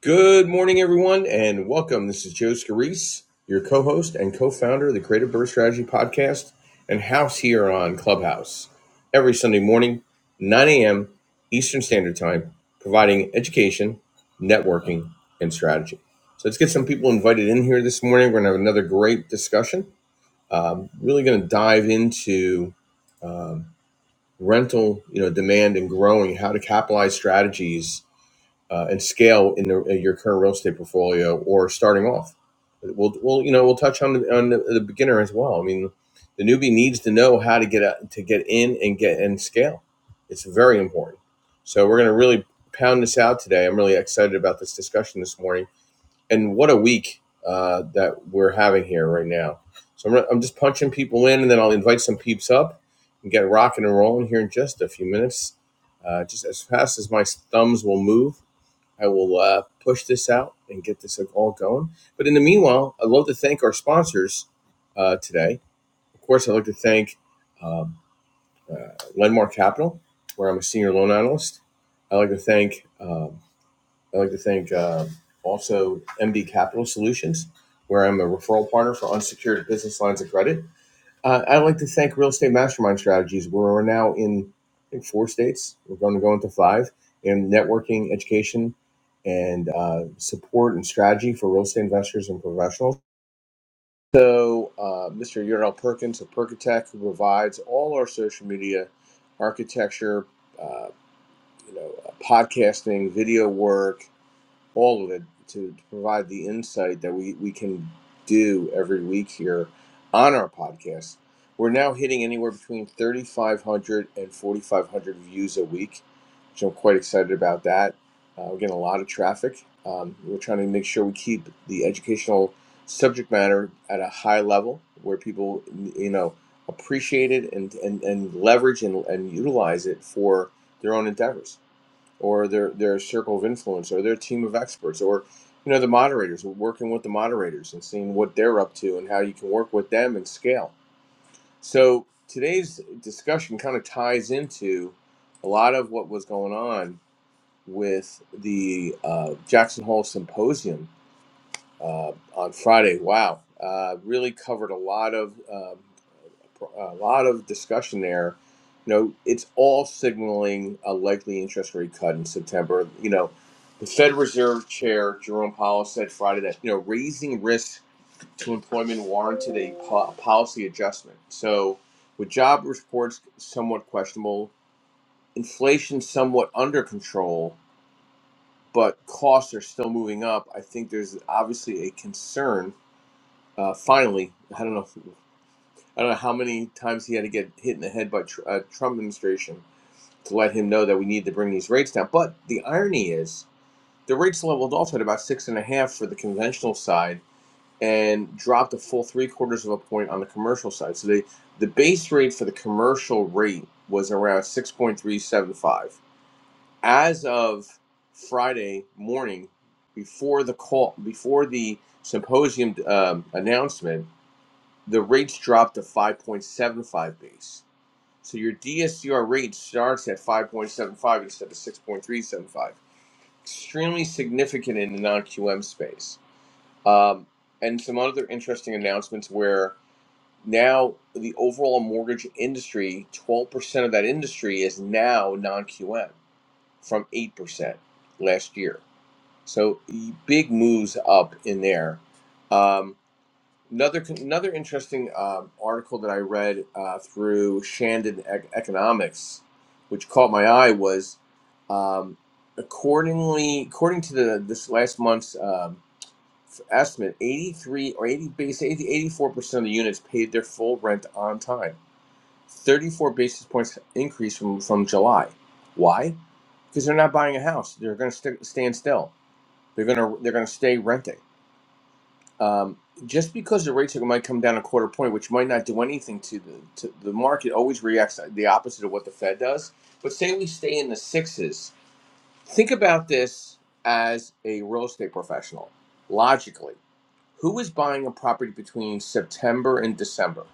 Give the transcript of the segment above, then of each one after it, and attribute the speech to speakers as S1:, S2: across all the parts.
S1: Good morning, everyone, and welcome. This is Joe Scarice, your co host and co founder of the Creative Birth Strategy Podcast and house here on Clubhouse every Sunday morning, 9 a.m. Eastern Standard Time, providing education, networking, and strategy. So let's get some people invited in here this morning. We're going to have another great discussion. Um, really going to dive into um, rental, you know, demand and growing, how to capitalize strategies uh, and scale in, the, in your current real estate portfolio or starting off. We'll, we'll you know we'll touch on the, on the, the beginner as well. I mean, the newbie needs to know how to get out to get in and get and scale. It's very important. So we're going to really pound this out today. I'm really excited about this discussion this morning, and what a week uh, that we're having here right now. So I'm, re- I'm just punching people in, and then I'll invite some peeps up and get rocking and rolling here in just a few minutes, uh, just as fast as my thumbs will move I will uh, push this out and get this like, all going. But in the meanwhile, I'd love to thank our sponsors uh, today. Of course, I'd like to thank um, uh, Lendmark Capital, where I'm a senior loan analyst. I'd like to thank um, I'd like to thank um also MD Capital Solutions, where I'm a referral partner for unsecured business lines of credit. Uh, I'd like to thank Real Estate Mastermind Strategies. We're now in, I think, four states. We're going to go into five in networking, education, and uh, support and strategy for real estate investors and professionals. So, uh, Mr. Ural Perkins of Perkatech, who provides all our social media architecture, uh, you know, uh, podcasting, video work, all of it to, provide the insight that we, we can do every week here on our podcast. We're now hitting anywhere between 3,500 and 4,500 views a week, which I'm quite excited about that. Uh, we're getting a lot of traffic. Um, we're trying to make sure we keep the educational subject matter at a high level where people, you know, appreciate it and, and, and leverage and, and utilize it for their own endeavors or their their circle of influence or their team of experts or you know the moderators working with the moderators and seeing what they're up to and how you can work with them and scale so today's discussion kind of ties into a lot of what was going on with the uh, jackson hole symposium uh, on friday wow uh, really covered a lot of uh, a lot of discussion there. You know, it's all signaling a likely interest rate cut in September. You know, the Fed Reserve Chair Jerome Powell said Friday that you know raising risks to employment warranted a po- policy adjustment. So, with job reports somewhat questionable, inflation somewhat under control, but costs are still moving up. I think there's obviously a concern. Uh, finally, I don't know. I don't know how many times he had to get hit in the head by a tr- uh, Trump administration to let him know that we need to bring these rates down. But the irony is, the rates leveled off at about six and a half for the conventional side and dropped a full three quarters of a point on the commercial side. So they, the base rate for the commercial rate was around 6.375. As of Friday morning, before the call, before the symposium um, announcement, the rates dropped to 5.75 base. So your DSCR rate starts at 5.75 instead of 6.375. Extremely significant in the non-QM space. Um, and some other interesting announcements where now the overall mortgage industry, 12% of that industry is now non-QM from 8% last year. So big moves up in there. Um, Another another interesting um, article that I read uh, through Shandon Ec- Economics, which caught my eye, was um, accordingly according to the this last month's um, f- estimate, eighty three or eighty base eighty four percent of the units paid their full rent on time. Thirty four basis points increase from from July. Why? Because they're not buying a house. They're going to st- stand still. They're going to they're going to stay renting um, just because the rates might come down a quarter point, which might not do anything to the to the market, always reacts the opposite of what the Fed does. But say we stay in the sixes. Think about this as a real estate professional. Logically, who is buying a property between September and December,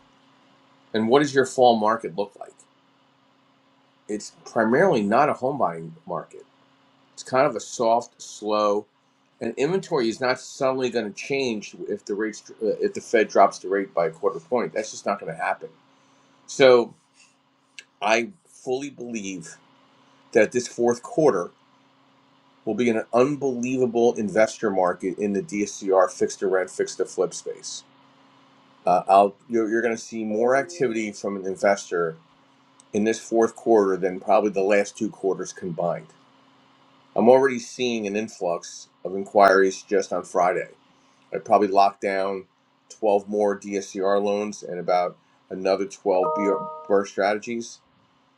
S1: and what does your fall market look like? It's primarily not a home buying market It's kind of a soft, slow, and inventory is not suddenly going to change if the rates uh, if the Fed drops the rate by a quarter point. That's just not going to happen. So I fully believe that this fourth quarter will be an unbelievable investor market in the DSCR fixed to rent, fixed to flip space. Uh, I'll, you're, you're going to see more activity from an investor in this fourth quarter than probably the last two quarters combined I'm already seeing an influx of inquiries just on Friday. I probably locked down 12 more DSCR loans and about another 12 BR strategies.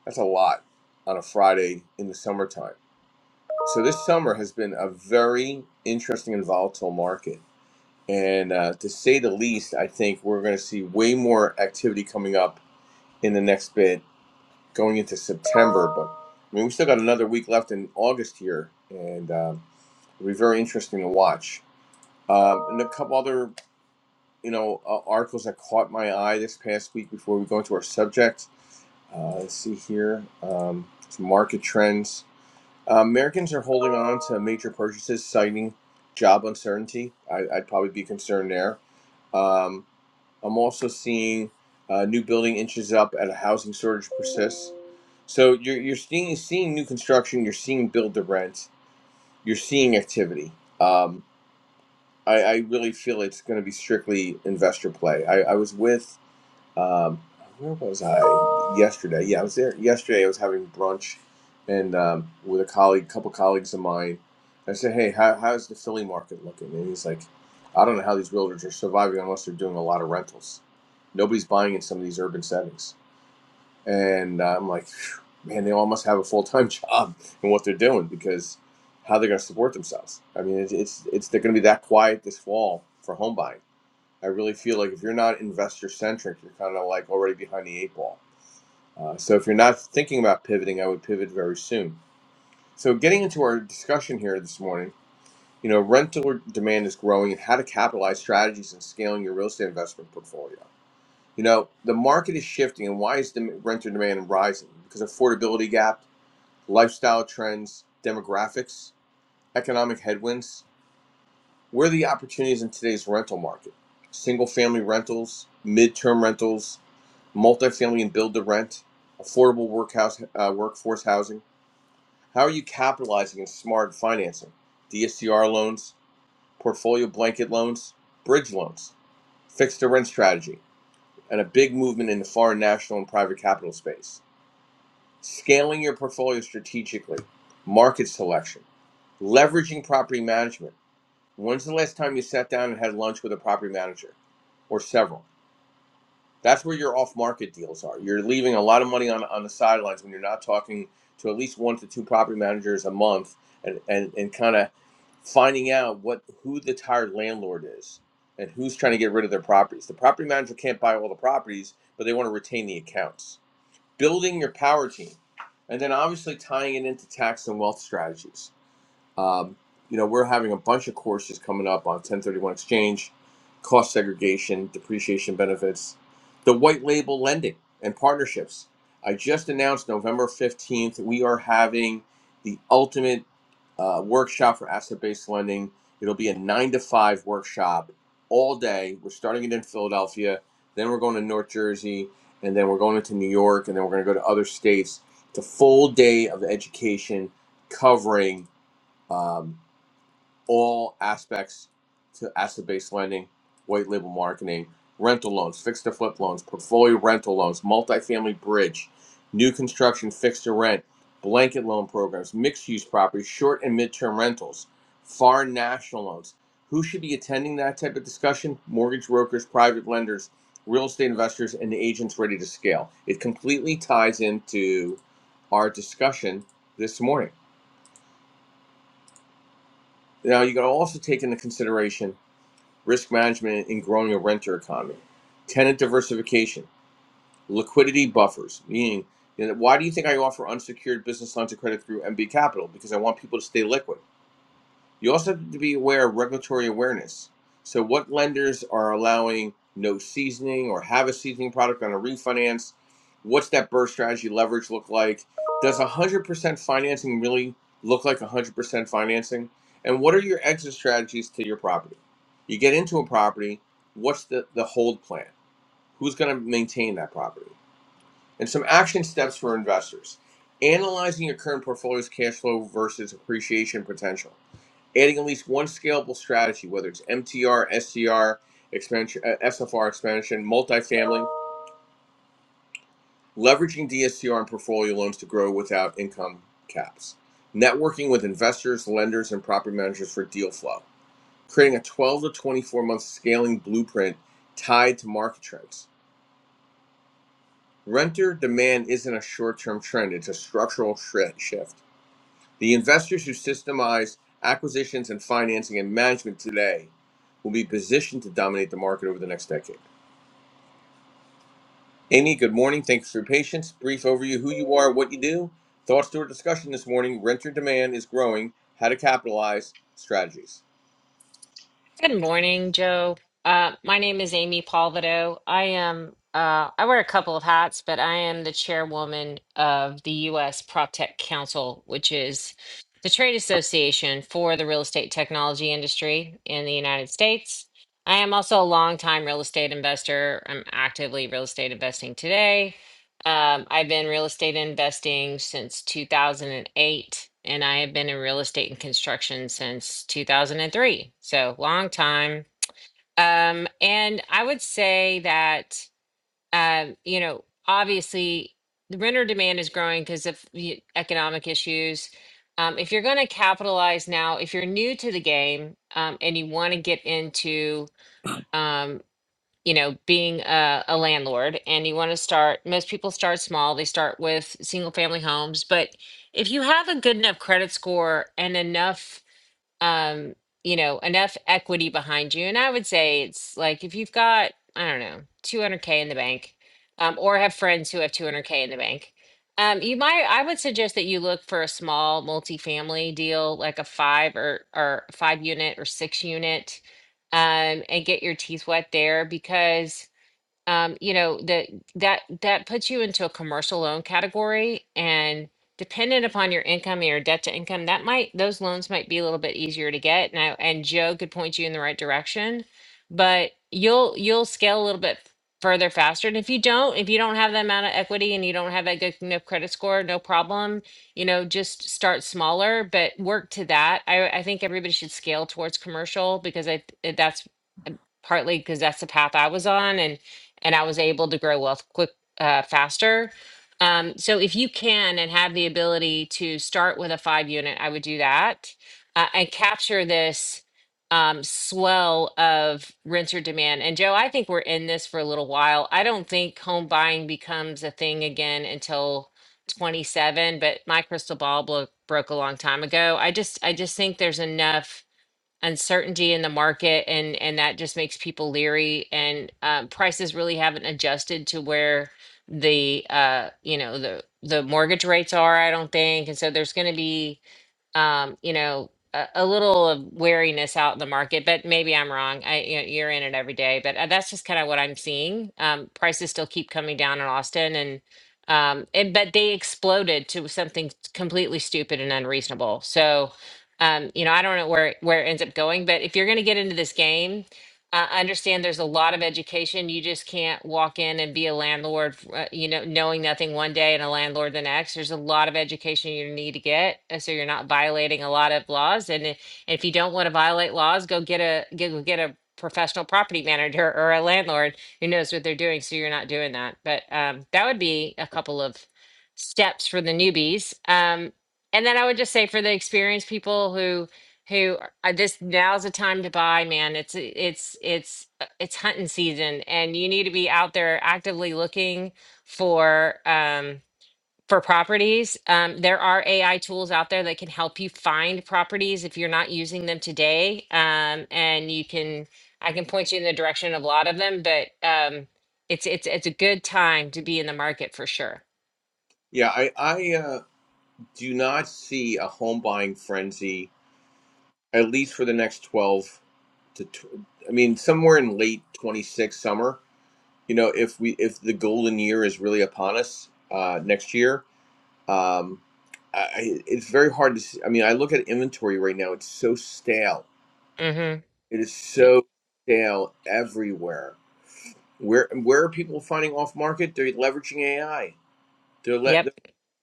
S1: That's a lot on a Friday in the summertime. So this summer has been a very interesting and volatile market. And uh, to say the least, I think we're going to see way more activity coming up in the next bit going into September. But I mean, we still got another week left in August here, and um, it'll be very interesting to watch. Um, and a couple other, you know, uh, articles that caught my eye this past week before we go into our subject. Uh, let's see here, um, some market trends. Uh, Americans are holding on to major purchases, citing job uncertainty. I, I'd probably be concerned there. Um, I'm also seeing uh, new building inches up at a housing shortage persists. So you're you're seeing seeing new construction, you're seeing build to rent, you're seeing activity. Um, I, I really feel it's going to be strictly investor play. I, I was with um, where was I yesterday? Yeah, I was there yesterday. I was having brunch and um, with a colleague, couple colleagues of mine. I said, "Hey, how, how's the Philly market looking?" And he's like, "I don't know how these realtors are surviving unless they're doing a lot of rentals. Nobody's buying in some of these urban settings." And uh, I'm like, "Phew, "Man, they all must have a full time job in what they're doing because how they're going to support themselves? I mean, it's it's, it's they're going to be that quiet this fall for home buying." I really feel like if you're not investor centric, you're kind of like already behind the eight ball. Uh, so if you're not thinking about pivoting, I would pivot very soon. So getting into our discussion here this morning, you know, rental demand is growing and how to capitalize strategies and scaling your real estate investment portfolio. You know, the market is shifting and why is the renter demand rising? Because affordability gap, lifestyle trends, demographics, economic headwinds. Where are the opportunities in today's rental market? Single family rentals, midterm rentals, multifamily and build to rent, affordable workhouse, uh, workforce housing? How are you capitalizing in smart financing? DSCR loans, portfolio blanket loans, bridge loans, fixed to rent strategy, and a big movement in the foreign national and private capital space. Scaling your portfolio strategically, market selection, leveraging property management. When's the last time you sat down and had lunch with a property manager or several? That's where your off market deals are. You're leaving a lot of money on, on the sidelines when you're not talking to at least one to two property managers a month and, and, and kind of finding out what who the tired landlord is and who's trying to get rid of their properties. The property manager can't buy all the properties, but they want to retain the accounts. Building your power team and then obviously tying it into tax and wealth strategies um, you know, we're having a bunch of courses coming up on 1031 exchange, cost segregation, depreciation benefits, the white label lending, and partnerships. I just announced November 15th, we are having the ultimate uh, workshop for asset based lending. It'll be a nine to five workshop all day. We're starting it in Philadelphia, then we're going to North Jersey, and then we're going into New York, and then we're going to go to other states. It's a full day of education covering um, all aspects to asset-based lending, white label marketing, rental loans, fixed to flip loans, portfolio rental loans, multifamily bridge, new construction fixed to rent, blanket loan programs, mixed-use properties, short and midterm rentals, foreign national loans. Who should be attending that type of discussion? Mortgage brokers, private lenders, real estate investors, and agents ready to scale. It completely ties into our discussion this morning. Now, you got to also take into consideration risk management in growing a renter economy, tenant diversification, liquidity buffers, meaning you know, why do you think I offer unsecured business lines of credit through MB Capital? Because I want people to stay liquid. You also have to be aware of regulatory awareness. So, what lenders are allowing no seasoning or have a seasoning product on a refinance? What's that burst strategy leverage look like? Does 100% financing really look like 100% financing? And what are your exit strategies to your property? You get into a property, what's the, the hold plan? Who's going to maintain that property? And some action steps for investors analyzing your current portfolio's cash flow versus appreciation potential, adding at least one scalable strategy, whether it's MTR, SCR, expansion, uh, SFR expansion, multifamily, leveraging DSCR and portfolio loans to grow without income caps, networking with investors, lenders, and property managers for deal flow, creating a 12 to 24 month scaling blueprint tied to market trends. Renter demand isn't a short term trend, it's a structural shri- shift The investors who systemize acquisitions and financing and management today will be positioned to dominate the market over the next decade. Amy, good morning. Thanks for your patience. Brief overview who you are, what you do. Thoughts to our discussion this morning renter demand is growing, how to capitalize, strategies.
S2: Good morning, Joe. Uh, my name is Amy Palvido. I am, uh, I wear a couple of hats, but I am the chairwoman of the U.S. PropTech Council, which is the trade association for the real estate technology industry in the United States. I am also a longtime real estate investor. I'm actively real estate investing today. Um, I've been real estate investing since 2008, and I have been in real estate and construction since 2003. So long time. Um, and I would say that, um, you know, obviously the renter demand is growing because of the economic issues. Um, if you're going to capitalize now, if you're new to the game um, and you want to get into um, you know, being a, a landlord and you want to start, most people start small. They start with single family homes. But if you have a good enough credit score and enough um, you know, enough equity behind you. And I would say it's like if you've got, I don't know, 200K in the bank, um, or have friends who have 200K in the bank, um, you might, I would suggest that you look for a small multifamily deal, like a five or, or five unit or six unit, um, and get your teeth wet there because um, you know, that that that puts you into a commercial loan category and dependent upon your income and your debt to income, that might those loans might be a little bit easier to get. Now and Joe could point you in the right direction, but you'll you'll scale a little bit further faster. And if you don't, if you don't have that amount of equity and you don't have that good enough credit score, no problem. You know, just start smaller, but work to that. I I think everybody should scale towards commercial because I that's partly because that's the path I was on and and I was able to grow wealth quick uh, faster. Um, so if you can and have the ability to start with a five unit, I would do that uh, and capture this um, swell of renter demand. And Joe, I think we're in this for a little while. I don't think home buying becomes a thing again until 27, but my crystal ball blo- broke a long time ago. I just I just think there's enough uncertainty in the market and and that just makes people leery and um, prices really haven't adjusted to where the uh you know the the mortgage rates are i don't think and so there's going to be um, you know, a, a little of wariness out in the market, but maybe I'm wrong. I, you know, you're in it every day, but uh, that's just kind of what I'm seeing. Um, prices still keep coming down in Austin and, um, and, but they exploded to something completely stupid and unreasonable. So, um, you know, I don't know where, where it ends up going, but if you're going to get into this game, I I understand there's a lot of education. You just can't walk in and be a landlord, uh, you know, knowing nothing one day and a landlord the next. There's a lot of education you need to get, uh, so you're not violating a lot of laws. And i- if you don't want to violate laws, go get a go get a professional property manager or a landlord who knows what they're doing, so you're not doing that. But um, that would be a couple of steps for the newbies. Um, and then I would just say for the experienced people who who are- uh, this now's the time to buy man it's it's it's uh, it's hunting season and you need to be out there actively looking for um for properties um, there are ai tools out there that can help you find properties if you're not using them today um, and you can i can point you in the direction of a lot of them but um, it's it's it's a good time to be in the market for sure
S1: Yeah, I, I uh, do not see a home buying frenzy, at least for the next 12 to, tw- I mean, somewhere in late 26 summer. you know if we if the golden year is really upon us uh, next year um, I, it's very hard to see. i mean i look at inventory right now it's so stale
S2: Mhm.
S1: it is
S2: Yeah.
S1: so stale everywhere where where are people finding off market they're leveraging ai They're le-
S2: Yep.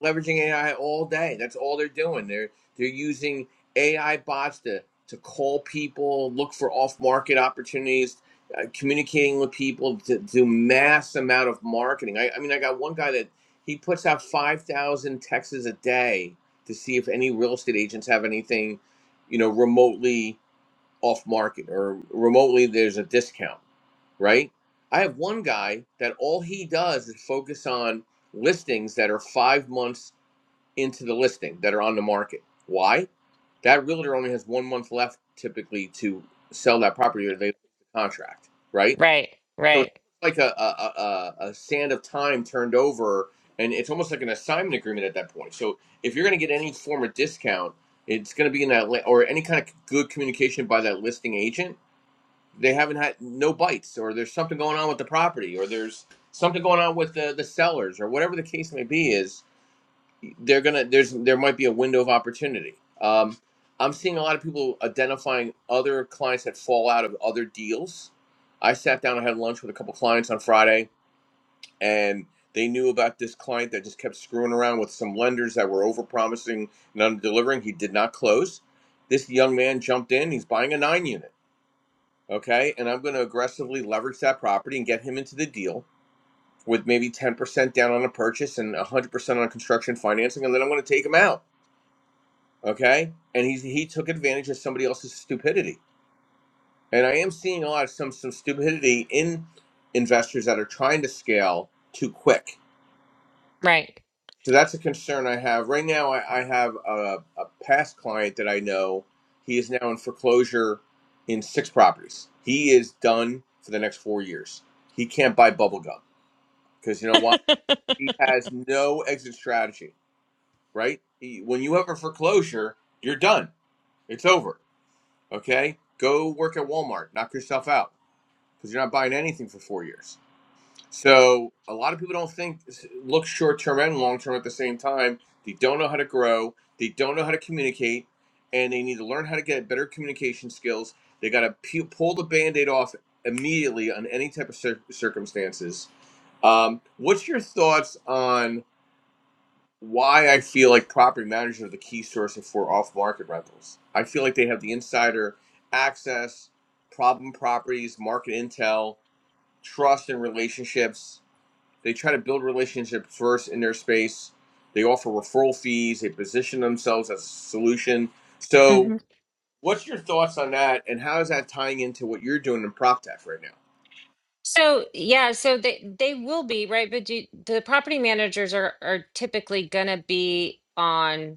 S1: leveraging AI all day. That's all they're doing. They're they're using AI bots to to call people, look for off market opportunities, uh, communicating with people to do mass amount of marketing. I, I mean, I got one guy that he puts out five thousand texts a day to see if any real estate agents have anything, you know, remotely off market or remotely there's a discount right? I have one guy that all he does is focus on listings that are five months into the listing that are on the market. Why? That realtor only has one month left typically to sell that property or they lose the contract, right?
S2: Right.
S1: So it's
S2: Right.
S1: like a, a, a, a sand of time turned over and it's almost like an assignment agreement at that point. So if you're going to get any form of discount, it's going to be in that, or any kind of good communication by that listing agent. They haven't had no bites, or there's something going on with the property, or there's something going on with the, the sellers, or whatever the case may be is they're gonna there's there might be a window of opportunity. Um, I'm seeing a lot of people identifying other clients that fall out of other deals. I sat down and had lunch with a couple clients on Friday, and they knew about this client that just kept screwing around with some lenders that were overpromising and under-delivering. He did not close. This young man jumped in. He's buying a nine unit, okay, and I'm going to aggressively leverage that property and get him into the deal with maybe 10% down on a purchase and 100% on construction financing, and then I'm going to take him out okay and he's he took advantage of somebody else's stupidity and i am seeing a lot of some some stupidity in investors that are trying to scale too quick
S2: Right.
S1: so that's a concern i have right now i, I have a, a past client that i know he is now in foreclosure in six properties he is done for the next four years he can't buy bubblegum because you know why he has no exit strategy right he, when you have a foreclosure you're done it's over Okay, go work at Walmart, knock yourself out because you're not buying anything for four years. So a lot of people don't think look short term and long term at the same time. They don't know how to grow. They don't know how to communicate, and they need to learn how to get better communication skills. They got to pu- pull the band-aid off immediately on any type of cir- circumstances. Um, what's your thoughts on? why I feel like property managers are the key source for off market rentals. I feel like they have the insider access, problem properties, market intel, trust, and relationships. They try to build relationships first in their space. They offer referral fees. They position themselves as a solution. So,
S2: hmm
S1: what's your thoughts on that, and how is that tying into what you're doing in prop tech right now?
S2: So yeah, so they they will be right, but do, the property managers are are typically gonna be on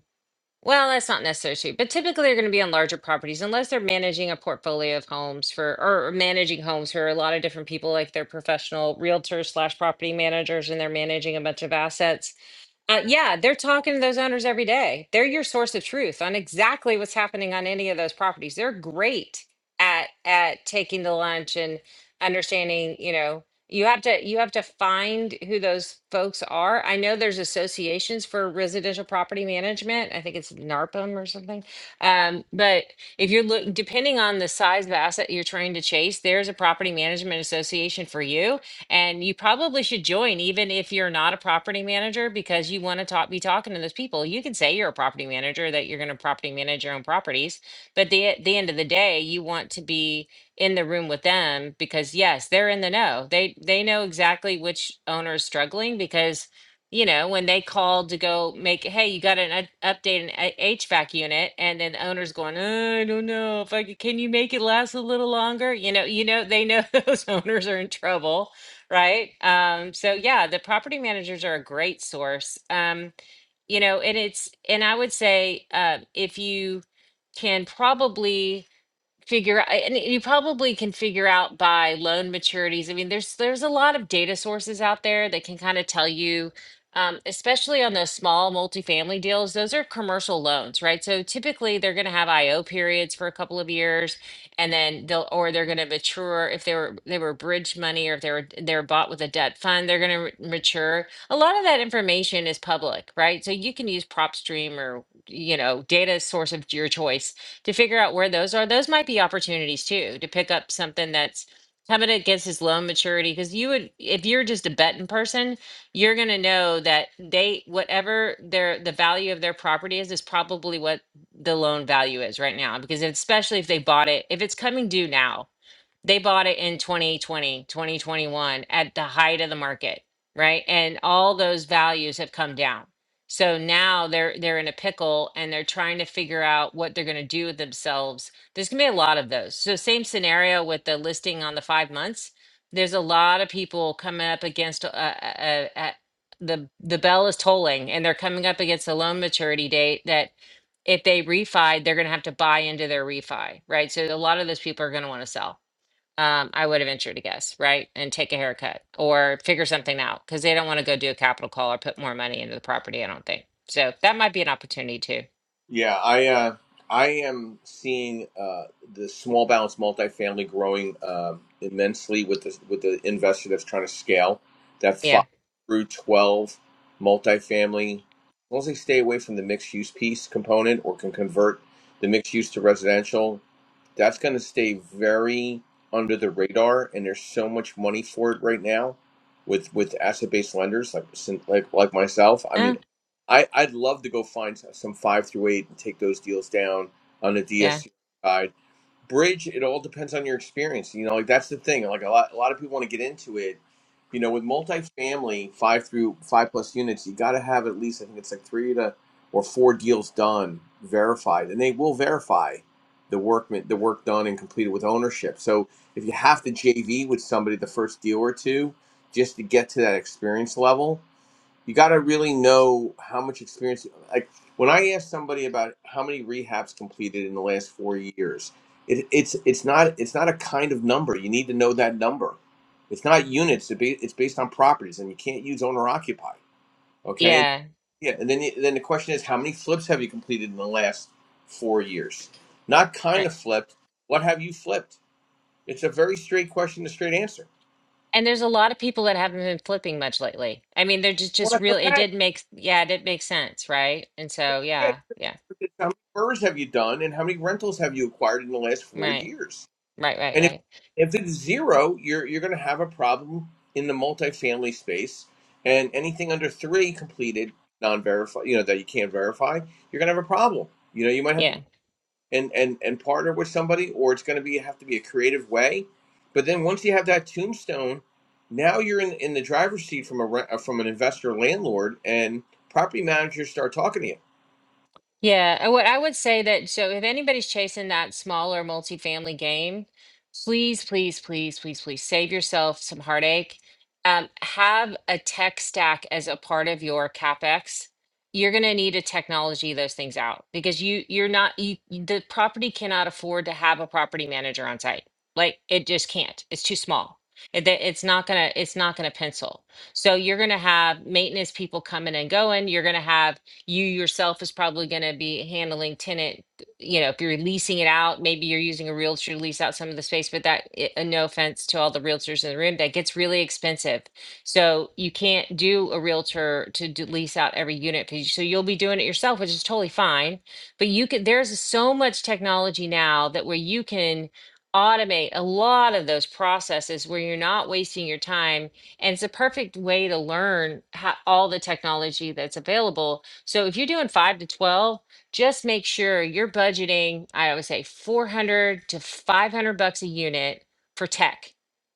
S2: Well, that's not necessarily true, but typically they're going to be on larger properties unless they're managing a portfolio of homes for or managing homes for a lot of different people, like they're professional realtors slash property managers and they're managing a bunch of assets. Uh, yeah, they're talking to those owners every day. They're your source of truth on exactly what's happening on any of those properties. They're great at at taking the lunch and understanding, you know, you have to you have to find who those folks are. I know there's associations for residential property management. I think it's NARPM or something. Um, but if you're look depending on the size of asset you're trying to chase, there's a property management association for you and you probably should join, even if you're not a property manager, because you want to talk, be talking to those people. You can say you're a property manager, that you're going to property manage your own properties. But the, at the end of the day, you want to be in the room with them because yes, they're in the know. They, they know exactly which owner is struggling because, you know, when they called to go make, hey, you got an up- update an a- HVAC unit, and then the owner's going, I don't know if I c- can you make it last a little longer? You know, you know, they know those owners are in trouble right? Um, so yeah, the property managers are a great source. Um, you know, and it's and I would say uh, if you can probably figure I- and you probably can figure out by loan maturities. I mean, there's there's a lot of data sources out there that can kind of tell you, um, especially on those small multifamily deals, those are commercial loans, right? So typically they're going to have IO periods for a couple of years and then they'll or they're going to mature if they were they were bridge money or if they were they were bought with a debt fund, they're going to mature. A lot of that information is public, right? So you can use PropStream or you know, data source of your choice to figure out where those are. Those might be opportunities too to pick up something that's coming against his loan maturity. Because you would, if you're just a betting person, you're going to know that they, whatever their the value of their property is, is probably what the loan value is right now. Because especially if they bought it, if it's coming due now they bought it in 2020 2021 at the height of the market right and all those values have come down so now they're they're in a pickle and they're trying to figure out what they're going to do with themselves there's going to be a lot of those so same scenario with the listing on the five months there's a lot of people coming up against uh, uh, uh, uh, the the bell is tolling and they're coming up against a loan maturity date that if they refi they're going to have to buy into their refi right so a lot of those people are going to want to sell um, I would have ventured to guess, right? And take a haircut or figure something out because they don't want to go do a capital call or put more money into the property, I don't think. So that might be an opportunity too.
S1: Yeah, I uh, I am seeing uh, the small balance multifamily growing um immensely with the with the investor that's trying to scale. That
S2: Yeah.
S1: five through twelve multifamily, as long as they stay away from the mixed use piece component or can convert the mixed use to residential, that's going to stay very under the radar. And there's so much money for it right now with with asset based lenders like like like myself. I mean,
S2: Uh,
S1: I, I'd love to go find some some five through eight and take those deals down on the
S2: yeah.
S1: DSCR side. Bridge, it all depends on your experience. You know, like that's the thing. Like a lot, a lot of people want to get into it. You know, with multifamily, five through five plus units, you got to have at least I think it's like three to or four deals done, verified, and they will verify the workman the work done and completed with ownership. So if you have to JV with somebody the first deal or two just to get to that experience level, you got to really know how much experience. Like when I ask somebody about how many rehabs completed in the last four years, it, it's it's not it's not a kind of number. You need to know that number. It's not units. It be, it's based on properties, and you can't use owner occupied. Okay, and,
S2: Yeah.
S1: yeah, and then you, then the question is, how many flips have you completed in the last four years? Not kind
S2: Right.
S1: of flipped. What have you flipped? It's a very straight question, a straight answer.
S2: And there's a lot of people that haven't been flipping much lately. I mean, they're just, just real. It did make, yeah, it did make sense, right? And so,
S1: Yeah, how many
S2: yeah, yeah,
S1: furs have you done, and how many rentals have you acquired in the last four
S2: right,
S1: years?
S2: right, right,
S1: And if
S2: right.
S1: if it's zero, you're you're going to have a problem in the multifamily space. And anything under three completed, non-verified, you know, that you can't verify, you're going to have a problem. You know, you might have
S2: Yeah.
S1: to and and and partner with somebody, or it's going to be have to be a creative way. But then once you have that tombstone, now you're in in the driver's seat from a re- uh, from an investor landlord, and property managers start talking to you.
S2: Yeah, and what I would say that so if anybody's chasing that smaller multifamily game, please, please, please, please, please save yourself some heartache. Um, have a tech stack as a part of your CapEx. You're going to need to technology those things out because you you're not you, you- the property cannot afford to have a property manager on site. Like it just can't. It's too small. It, that- it's not gonna it's not gonna pencil. So you're gonna have maintenance people coming and going. You're gonna have you yourself is probably going to be handling tenant, you know, if you're leasing it out, maybe you're using a realtor to lease out some of the space, but that, i- uh, no offense to all the realtors in the room, that gets really expensive. So you can't do a realtor to do, lease out every unit. 'cause- So you'll be doing it yourself, which is totally fine. But you could, there's so much technology now that where you can automate a lot of those processes where you're not wasting your time and it's a perfect way to learn how, all the technology that's available so if you're doing five to 12, just make sure you're budgeting, I always say 400 to 500 bucks a unit for tech.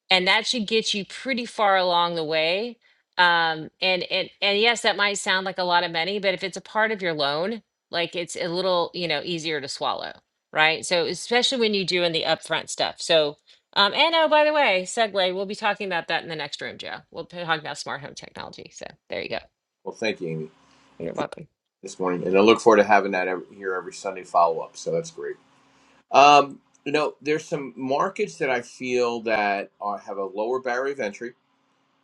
S2: And that should get you pretty far along the way. Um, and, and, and yes, that might sound like a lot of money, but if it's a part of your loan, like it's a little, you know, easier to swallow, right? So especially when you're doing the upfront stuff. So, um, and oh, by the way, segue, we'll be talking about that in the next room, Joe. We'll be talking about smart home technology. So there you go.
S1: Well, thank you, Amy,
S2: You're welcome.
S1: this morning, and I look forward to having that every, here every Sunday follow up. So that's great. Um, you know, there's some markets that I feel that are, have a lower barrier of entry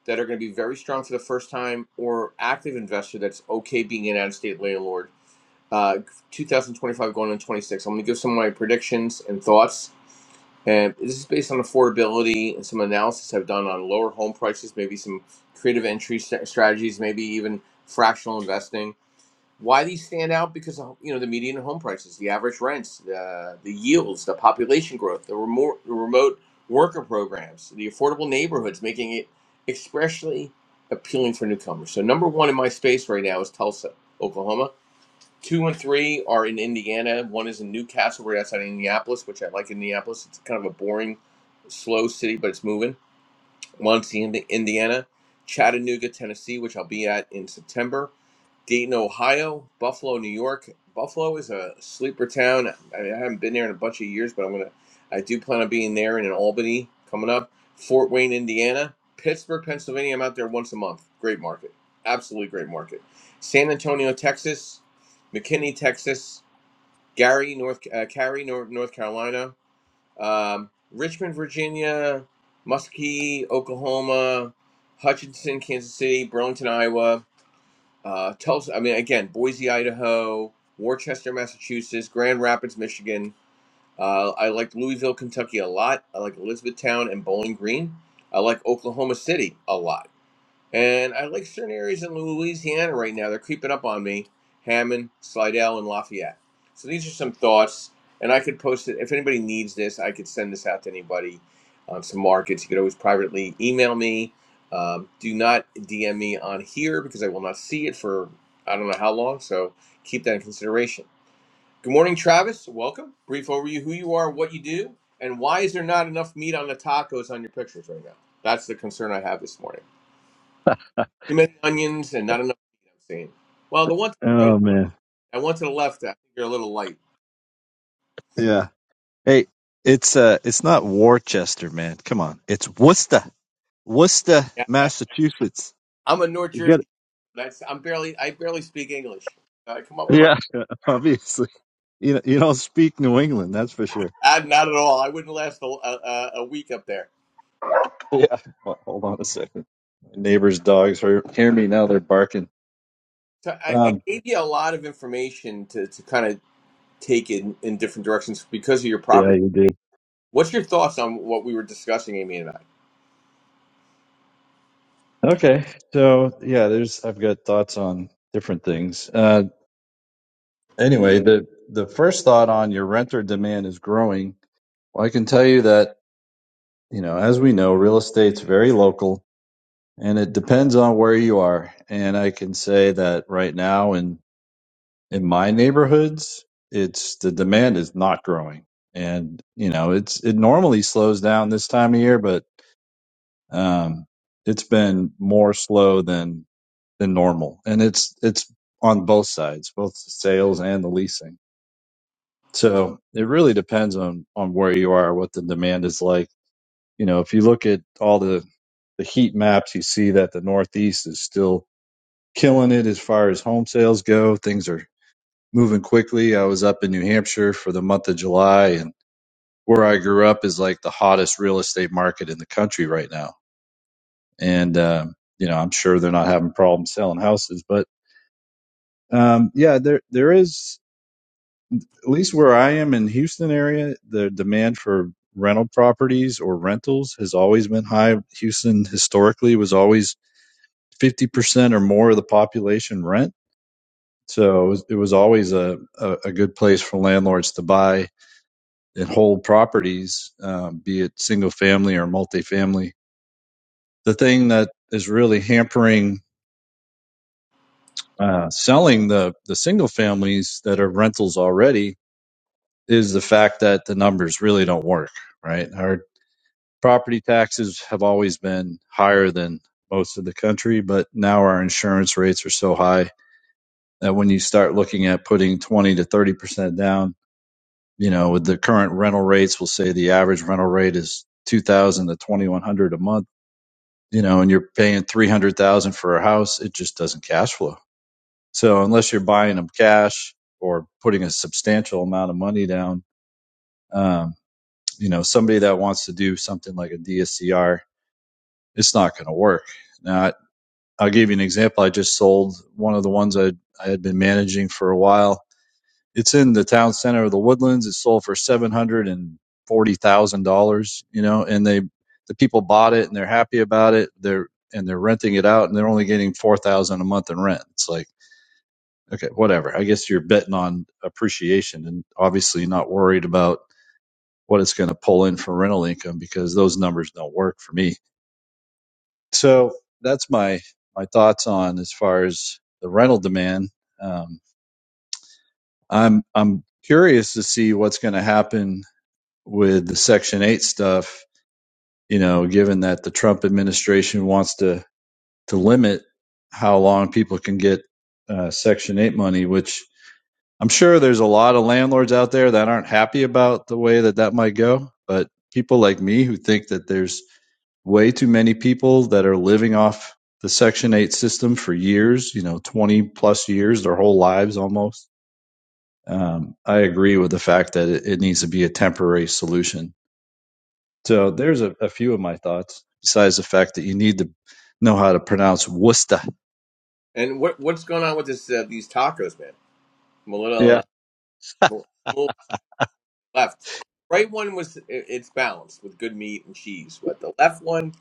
S1: that are going to be very strong for the first time or active investor that's okay being an out of state landlord. Uh, 2025 going on 26. I'm going to give some of my predictions and thoughts. And this is based on affordability and some analysis I've done on lower home prices, maybe some creative entry st- strategies, maybe even fractional investing. Why these stand out? Because of, you know the median home prices, the average rents, the the yields, the population growth, the remote the remote worker programs, the affordable neighborhoods, making it especially appealing for newcomers. So number one in my space right now is Tulsa, Oklahoma. Two and three are in Indiana. One is in New Castle, right outside of Indianapolis, which I like Indianapolis. It's kind of a boring, slow city, but it's moving. Muncie, Indi- Indiana, Chattanooga, Tennessee, which I'll be at in September, Dayton, Ohio, Buffalo, New York. Buffalo is a sleeper town. I, mean, I haven't been there in a bunch of years, but I'm gonna. I do plan on being there and in Albany coming up. Fort Wayne, Indiana, Pittsburgh, Pennsylvania. I'm out there once a month. Great market, absolutely great market. San Antonio, Texas, McKinney, Texas, Gary, North uh, Cary, North, North Carolina. Um, Richmond, Virginia, Muskie, Oklahoma, Hutchinson, Kansas City, Burlington, Iowa, uh, Tulsa. I mean, again, Boise, Idaho, Worcester, Massachusetts, Grand Rapids, Michigan. Uh, I like Louisville, Kentucky a lot. I like Elizabethtown and Bowling Green. I like Oklahoma City a lot. And I like certain areas in Louisiana right now. They're creeping up on me Hammond, Slidell, and Lafayette. So these are some thoughts. And I could post it. If anybody needs this, I could send this out to anybody on some markets. You could always privately email me. Um, do not DM me on here because I will not see it for I don't know how long. So keep that in consideration. Good morning, Travis. Welcome. Brief overview who you are, what you do, and why is there not enough meat on the tacos on your pictures right now? That's the concern I have this morning. Too many onions and not enough meat, I'm saying. Well, the one to the right,
S3: Oh man.
S1: I one to the left, I think you're a little light.
S3: Yeah. Hey, it's uh it's not Worcester, man. Come on. It's Worcester. Worcester,
S1: Yeah, I,
S3: Massachusetts.
S1: I'm a North
S3: You get it? Yeah.
S1: Jersey. That's I'm barely I barely speak English. I come up with my
S3: Yeah, obviously. You know, you don't speak New England, that's for sure.
S1: I, not at all. I wouldn't last a, a, a week up there.
S3: Yeah. Ho- Hold on a second. My neighbor's dogs are hear me now. They're barking.
S1: So I, I
S3: Um,
S1: gave you a lot of information to, to kind of take in, in different directions because of your
S3: yeah,
S1: property.
S3: you do.
S1: What's your thoughts on what we were discussing, Amy and I?
S3: Okay. So yeah, there's I've got thoughts on different things. Uh, anyway, the the first thought on your renter demand is growing. Well, I can tell you that you know, as we know, real estate's very local and it depends on where you are. And I can say that right now in in my neighborhoods, it's the demand is not growing. And you know, it's it normally slows down this time of year, but um it's been more slow than than normal. And it's it's on both sides, both the sales and the leasing. So it really depends on on where you are, what the demand is like you know, if you look at all the the heat maps, you see that the Northeast is still killing it as far as home sales go. Things are moving quickly. I was up in New Hampshire for the month of July, and where I grew up is like the hottest real estate market in the country right now. And um, you know, I'm sure they're not having problems selling houses, but um, yeah, there there is at least where I am in Houston area, the demand for rental properties or rentals has always been high. Houston historically was always 50% or more of the population rent. So it was, it was always a, a, a good place for landlords to buy and hold properties, um, be it single family or multifamily. The thing that is really hampering uh, selling the, the single families that are rentals already is the fact that the numbers really don't work, right? Our property taxes have always been higher than most of the country, but now our insurance rates are so high that when you start looking at putting 20 to 30% down, you know, with the current rental rates, we'll say the average rental rate is 2000 to 2100 a month, you know, and you're paying 300,000 for a house, it just doesn't cash flow. So unless you're buying them cash or putting a substantial amount of money down, um, you know, somebody that wants to do something like a DSCR, it's not going to work. Now, I, I'll give you an example. I just sold one of the ones I, I had been managing for a while It's in the town center of the Woodlands. It sold for seven hundred and forty thousand dollars. You know, and they the people bought it and they're happy about it. They're and they're renting it out and they're only getting four thousand a month in rent. It's like okay, whatever. I guess you're betting on appreciation and obviously not worried about what it's going to pull in for rental income because those numbers don't work for me. So that's my my thoughts on as far as the rental demand. Um, I'm I'm curious to see what's going to happen with the Section 8 stuff, you know, given that the Trump administration wants to, to limit how long people can get uh, Section 8 money, which I'm sure there's a lot of landlords out there that aren't happy about the way that that might go. But people like me who think that there's way too many people that are living off the Section 8 system for years, you know, 20 plus years, their whole lives almost. Um, I agree with the fact that it, it needs to be a temporary solution So there's a, a few of my thoughts, besides the fact that you need to know how to pronounce Worcester.
S1: And what what's going on with this uh, these tacos, man? I'm a little
S3: Yeah,
S1: uh, a little left. Right one was it- it's balanced with good meat and cheese, but the left one,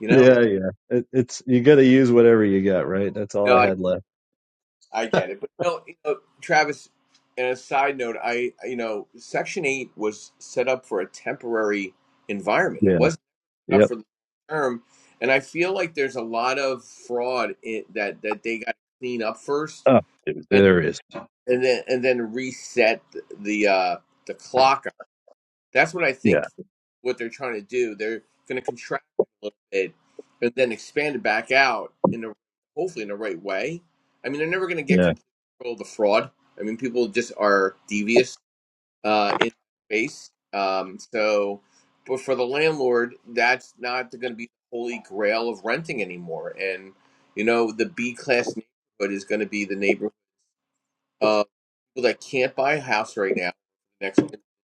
S1: you know,
S3: yeah, yeah. It, it's you got to use whatever you got, right? That's all
S1: no,
S3: I
S1: I,
S3: had left.
S1: I get it. But no, you know, Travis. And a side note, I you know, Section Eight was set up for a temporary environment. It
S3: Yeah.
S1: wasn't set up
S3: Yep.
S1: for the term, and I feel like there's a lot of fraud in, that that they got to clean up first,
S3: Oh, dude,
S1: and
S3: there it is.
S1: and then and then reset the uh, the clock That's what I think
S3: Yeah.
S1: what they're trying to do. They're going to contract a little bit and then expand it back out in the hopefully in the right way. I mean, they're never going to get
S3: Yeah.
S1: complete control of the fraud. I mean, people just are devious uh, in space. Um, so, but for the landlord, that's not going to be the holy grail of renting anymore. And you know, the B class neighborhood is going to be the neighborhood of people that can't buy a house right now, next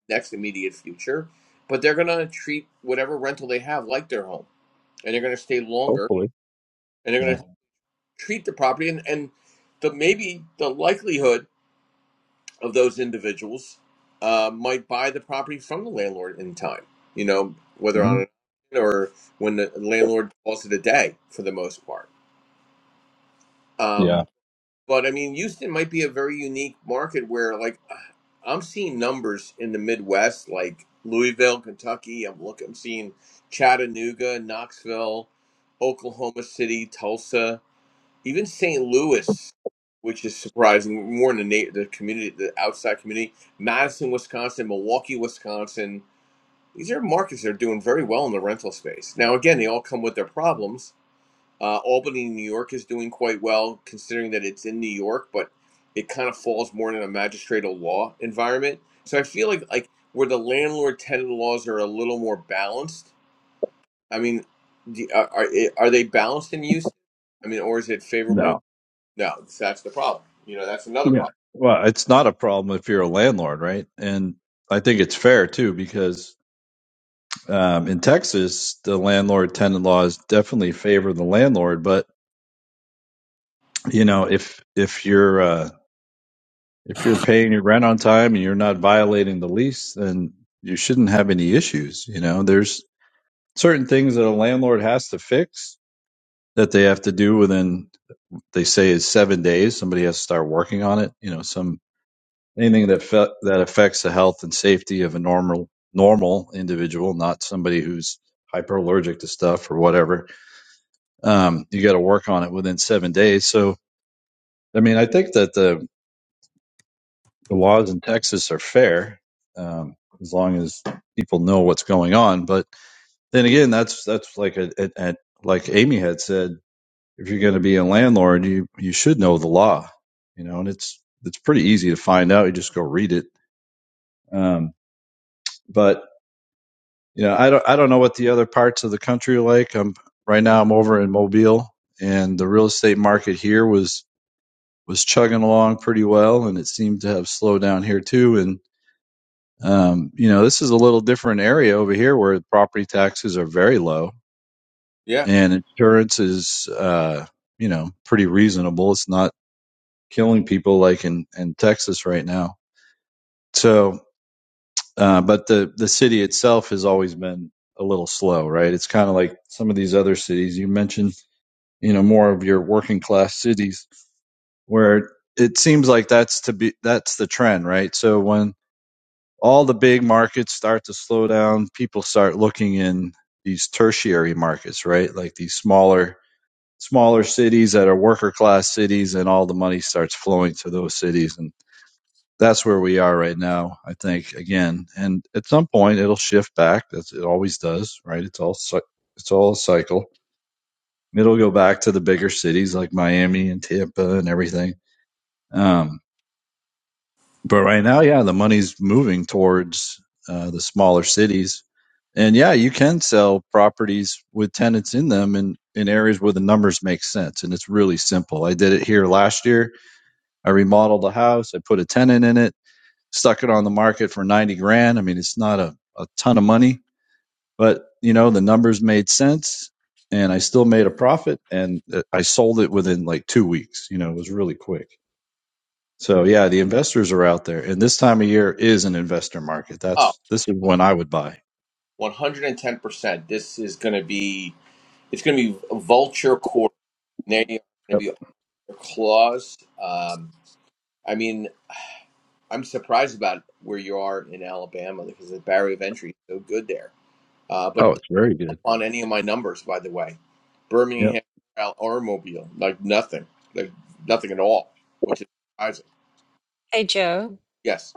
S1: next immediate future, but they're gonna treat whatever rental they have like their home, and they're gonna stay longer,
S3: Hopefully.
S1: and they're
S3: Yeah.
S1: gonna treat the property, and and the maybe the likelihood of those individuals uh, might buy the property from the landlord in time, you know, whether on
S3: hmm
S1: an auction or when the landlord calls it a day for the most part. Um,
S3: Yeah.
S1: But I mean, Houston might be a very unique market where, like, I'm seeing numbers in the Midwest, like Louisville, Kentucky. I'm looking, I'm seeing Chattanooga, Knoxville, Oklahoma City, Tulsa, even St. Louis, which is surprising more in the na- the community, the outside community. Madison, Wisconsin, Milwaukee, Wisconsin. These are markets that are doing very well in the rental space. Now, again, they all come with their problems uh, Albany, New York is doing quite well considering that it's in New York, but it kind of falls more in a magistratal law environment. So I feel like like where the landlord tenant laws are a little more balanced. I mean, do, are are eh, are they balanced in use? I mean, or is it
S3: No.
S1: favorable? No, that's the problem. You know, that's another
S3: Yeah.
S1: problem.
S3: Well, it's not a problem if you're a landlord, right? And I think it's fair too, because um, in Texas, the landlord tenant laws definitely favor the landlord. But you know, if if you're uh, if you're paying your rent on time and you're not violating the lease, then you shouldn't have any issues. You know, there's certain things that a landlord has to fix that they have to do within they say is seven days. Somebody has to start working on it. You know, some anything that fe- that affects the health and safety of a normal normal individual, not somebody who's hyper allergic to stuff or whatever. Um, you got to work on it within seven days. So, I mean, I think that the, the laws in Texas are fair um, as long as people know what's going on. But then again, that's that's like a, a, a like Amy had said, if you're going to be a landlord, you you should know the law, you know, and it's it's pretty easy to find out. You just go read it. Um, but you know, I don't I don't know what the other parts of the country are like. I'm right now I'm over in Mobile and the real estate market here was was chugging along pretty well and it seemed to have slowed down here too and um, you know, this is a little different area over here where property taxes are very low
S1: Yeah.
S3: and insurance is uh, you know, pretty reasonable. It's not killing people like in in Texas right now. So Uh, but the the city itself has always been a little slow, right? It's kind of like some of these other cities you mentioned, you know, more of your working class cities where it seems like that's to be that's the trend, right? So when all the big markets start to slow down, people start looking in these tertiary markets, right? Like these smaller smaller cities that are worker class cities and all the money starts flowing to those cities and that's where we are right now, I think, again. And at some point, it'll shift back, as it always does, right? It's all, it's all a cycle. It'll go back to the bigger cities like Miami and Tampa and everything. Um, but right now, yeah, the money's moving towards uh, the smaller cities. And yeah, you can sell properties with tenants in them in, in areas where the numbers make sense. And it's really simple. I did it here last year. I remodeled a house, I put a tenant in it stuck it on the market for 90 grand. I mean, it's not a, a ton of money, but you know, the numbers made sense and I still made a profit and uh, I sold it within like two weeks. You know, it was really quick. So yeah, the investors are out there and this time of year is an investor market.
S1: Oh,
S3: That's, this is when I would buy.
S1: 110%. This is going to be, it's going to be a vulture quarter. They are going to
S3: Yep.
S1: be all their claws. Um, I mean, I'm surprised about where you are in Alabama because the barrier of entry is so good there. Uh, but
S3: Oh,
S1: it's
S3: it's very
S1: up
S3: good.
S1: on any of my numbers, by the way.
S3: Yep.
S1: Birmingham or Mobile, like nothing, like nothing at all, which is surprising.
S2: Hey, Joe.
S1: Yes.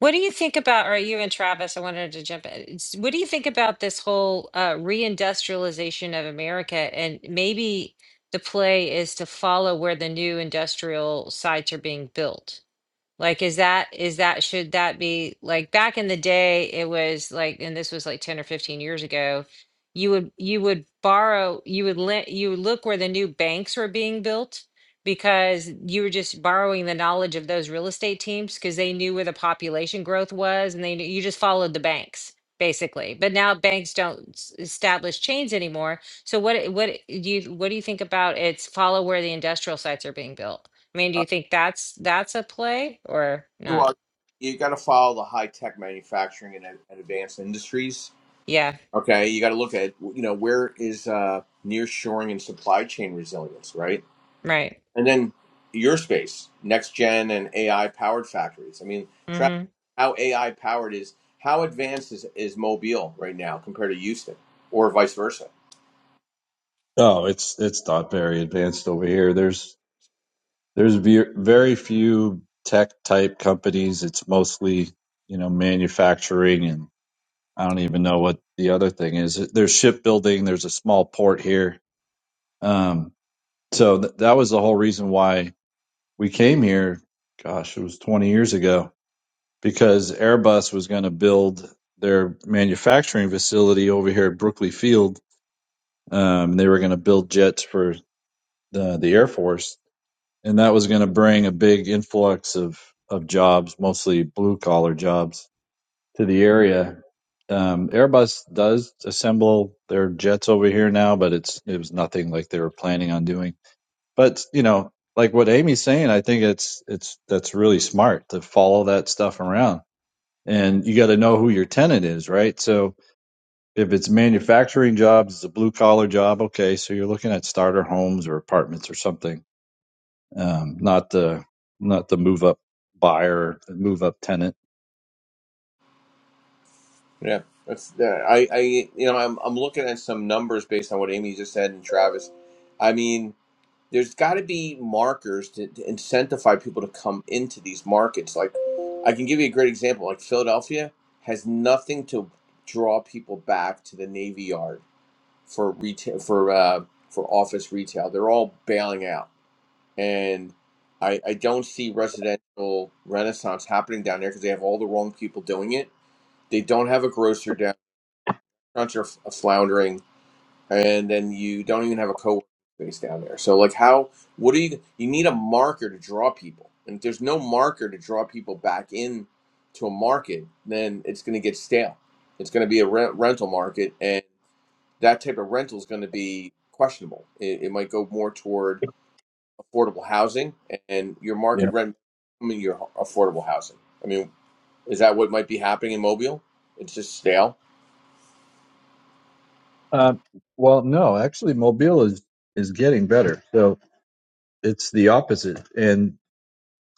S2: What do you think about, or you and Travis, I wanted to jump in. It's- What do you think about this whole uh, reindustrialization of America? And maybe the play is to follow where the new industrial sites are being built. Like, is that, is that, should that be like back in the day, it was like, and this was like 10 or 15 years ago, you would, you would borrow, you would lend, you would look where the new banks were being built because you were just borrowing the knowledge of those real estate teams because they knew where the population growth was and they knew you just followed the banks basically. But now banks don't s- establish chains anymore. So what, what do you, what do you think about it's follow where the industrial sites are being built? I mean, do
S1: Uh,
S2: you think that's that's a play or
S1: you
S2: not?
S1: are, you got to follow the high tech manufacturing and, and advanced industries.
S2: Yeah,
S1: Okay, you got to look at you know where is uh, near and supply chain resilience, right?
S2: right.
S1: And then your space, next gen and AI powered factories. I mean, Travis,
S2: Mm-hmm.
S1: how AI powered is how advanced is, is Mobile right now compared to Houston, or vice versa?
S3: Oh, it's, it's not very advanced over here. There's, there's ve- very few tech type companies. It's mostly, you know, manufacturing and I don't even know what the other thing is. There's shipbuilding. There's a small port here. Um, so th- that was the whole reason why we came here. Gosh, it was 20 years ago because Airbus was going to build their manufacturing facility over here at Brookley Field. Um, they were going to build jets for the, the Air Force, and that was going to bring a big influx of of jobs, mostly blue collar jobs to the area. Um, Airbus does assemble their jets over here now, but it's it was nothing like they were planning on doing. But you know, like what Amy's saying, I think it's it's that's really smart to follow that stuff around, and you got to know who your tenant is, right? So if it's manufacturing jobs, it's a blue collar job, okay. So you're looking at starter homes or apartments or something, um, not the not the move up buyer, move up tenant.
S1: Yeah, that's uh, I I you know I'm I'm looking at some numbers based on what Amy just said and Travis. I mean, there's got to be markers to, to incentivize people to come into these markets. Like, I can give you a great example. Like Philadelphia has nothing to draw people back to the Navy Yard for retail for uh, for office retail. They're all bailing out, and I, I don't see residential renaissance happening down there because they have all the wrong people doing it. They don't have a grocer down. Restaurants are f- floundering, and then you don't even have a co space down there. So like, how? What do you? You need a marker to draw people, and if there's no marker to draw people back in to a market, then it's going to get stale. It's going to be a rent, rental market, and that type of rental is going to be questionable. It, it might go more toward affordable housing and your
S3: yeah.
S1: market rent, I mean, your affordable housing. I mean, is that what might be happening in Mobile? It's just stale.
S3: Uh, well, no, actually, Mobile is is getting better. So it's the opposite, and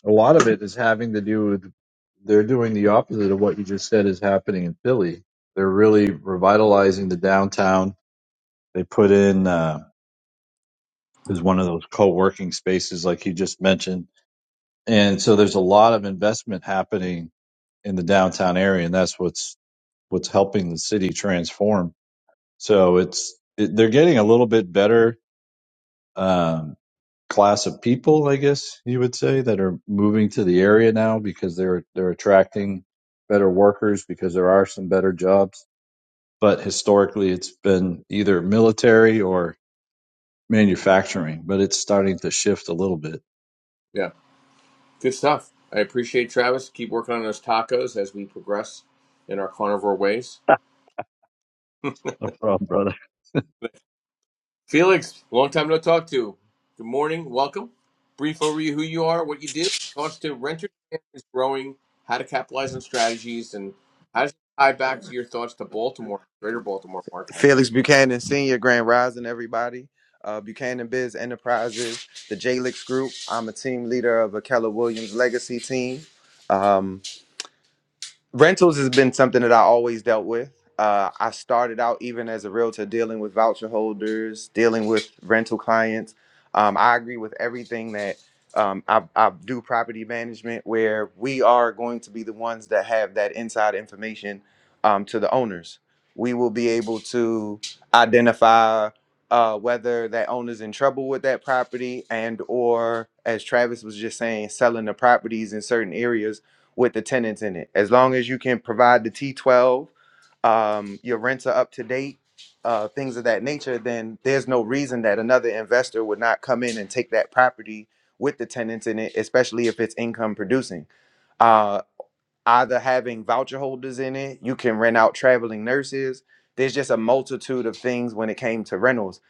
S3: a lot of it is having to do with they're doing the opposite of what you just said is happening in Philly. They're really revitalizing the downtown. They put in uh, is one of those co working spaces like you just mentioned, and so there's a lot of investment happening in the downtown area, and that's what's what's helping the city transform. So it's it, they're getting a little bit better Um, class of people, I guess you would say, that are moving to the area now because they're they're attracting better workers because there are some better jobs. But historically, it's been either military or manufacturing, but it's starting to shift a little bit.
S1: Yeah, good stuff. I appreciate Travis. Keep working on those tacos as we progress in our carnivore ways.
S3: No problem, brother.
S1: Felix, long time no talk to. Good morning, welcome. Brief overview who you are, what you do. Launched to renter demand is growing, how to capitalize on strategies, and how does it tie back to your thoughts to Baltimore, greater Baltimore market?
S4: Felix Buchanan Senior, Grand Rising, everybody. Uh, Buchanan Biz Enterprises, the JLix Group. I'm a team leader of a Keller Williams Legacy team. Um, rentals has been something that I always dealt with. Uh, I started out even as a realtor dealing with voucher holders, dealing with rental clients. Um, I agree with everything that um, I, I do property management, where we are going to be the ones that have that inside information um, to the owners. We will be able to identify uh, whether that owner's in trouble with that property and or as travis was just saying selling the properties in certain areas with the tenants in it. As long as you can provide the T12, um, your rents are up to date, uh, things of that nature, then there's no reason that another investor would not come in and take that property with the tenants in it, especially if it's income producing. Uh, either having voucher holders in it, you can rent out traveling nurses. There's just a multitude of things when it came to rentals.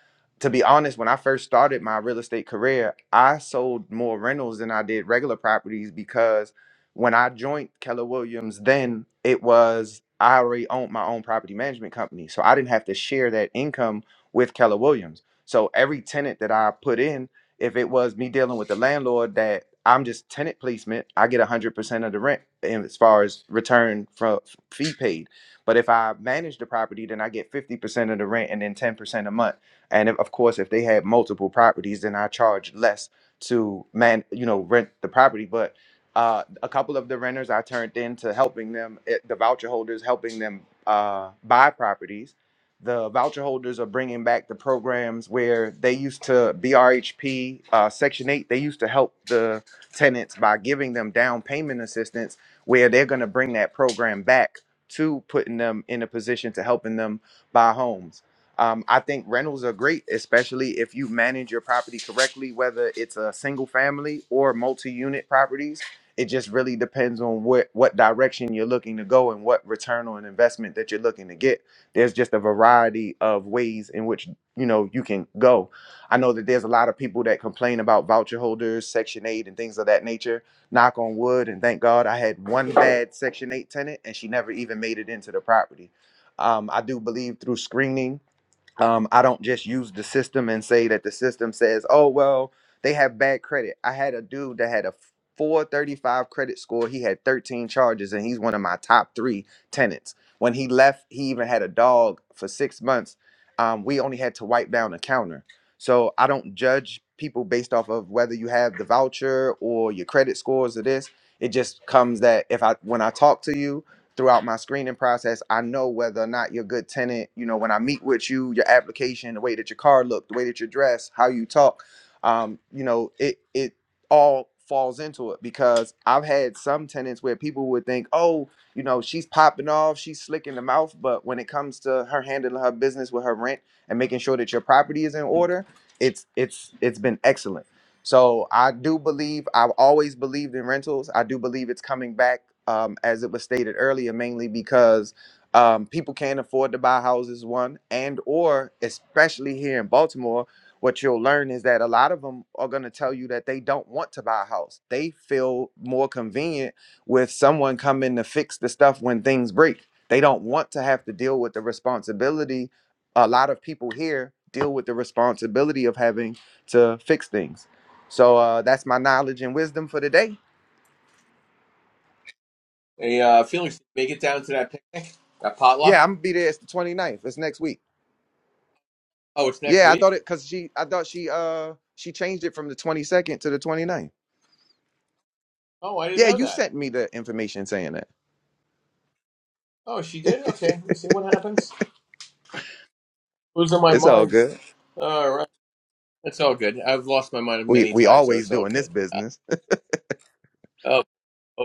S4: To be honest, when I first started my real estate career, I sold more rentals than I did regular properties because when I joined Keller Williams, then it was I already owned my own property management company. So I didn't have to share that income with Keller Williams. So every tenant that I put in if it was me dealing with the landlord that I'm just tenant placement, I get 100% of the rent and as far as return from fee paid. But if I manage the property, then I get 50% of the rent and then 10% a month. And if, of course, if they had multiple properties, then I charge less to man, you know, rent the property. But uh, a couple of the renters I turned into helping them, eh, the voucher holders, helping them uh, buy properties the voucher holders are bringing back the programs where they used to BRHP uh, Section Eight. They used to help the tenants by giving them down payment assistance, where they're going to bring that program back to putting them in a position to helping them buy homes. Um, I think rentals are great, especially if you manage your property correctly, whether it's a single family or multi-unit properties. It just really depends on what what direction you're looking to go and what return on investment that you're looking to get there's just a variety of ways in which you know you can go i know that there's a lot of people that complain about voucher holders section 8 and things of that nature knock on wood and thank god i had one bad section 8 tenant and she never even made it into the property um, i do believe through screening um, I don't just use the system and say that the system says, oh, well, they have bad credit. I had a dude that had a 435 credit score. He had 13 charges, and he's one of my top three tenants. When he left, he even had a dog for six months. Um, we only had to wipe down a counter. So I don't judge people based off of whether you have the voucher or your credit scores or this. It just comes that if I when I talk to you, throughout my screening process, I know whether or not you're a good tenant. You know, when I meet with you, your application, the way that your car looked, the way that you're dressed, how you talk, um, you know, it it all falls into it because I've had some tenants where people would think, oh, you know, she's popping off, she's slick in the mouth, but when it comes to her handling her business with her rent and making sure that your property is in order, it's it's it's been excellent so I do believe I've always believed in rentals. I do believe it's coming back, um, as it was stated earlier, mainly because um, people can't afford to buy houses. One and or especially here in Baltimore, what you'll learn is that a lot of them are going to tell you that they don't want to buy a house. They feel more convenient with someone coming to fix the stuff when things break. They don't want to have to deal with the responsibility. A lot of people here deal with the responsibility of having to fix things. So uh, that's my knowledge and wisdom for today.
S1: Hey, uh, Felix, make it down to that picnic, that potluck.
S4: Yeah, I'm gonna be there. It's the 29th. It's next week.
S1: Oh, it's next
S4: Yeah, I
S1: week?
S4: thought it because she, I thought she, uh, she changed it from the 22nd to the 29th.
S1: Oh, I didn't
S4: Yeah,
S1: know
S4: you
S1: that.
S4: sent me the information saying that.
S1: Oh, she did? Okay, let's see what happens. Losing my
S4: It's all
S1: mind.
S4: good.
S1: All right, that's all good. I've lost my mind
S4: We
S1: many
S4: we
S1: times, so
S4: always
S1: it's all
S4: doing this
S1: good. Uh,
S4: business.
S1: oh, oh,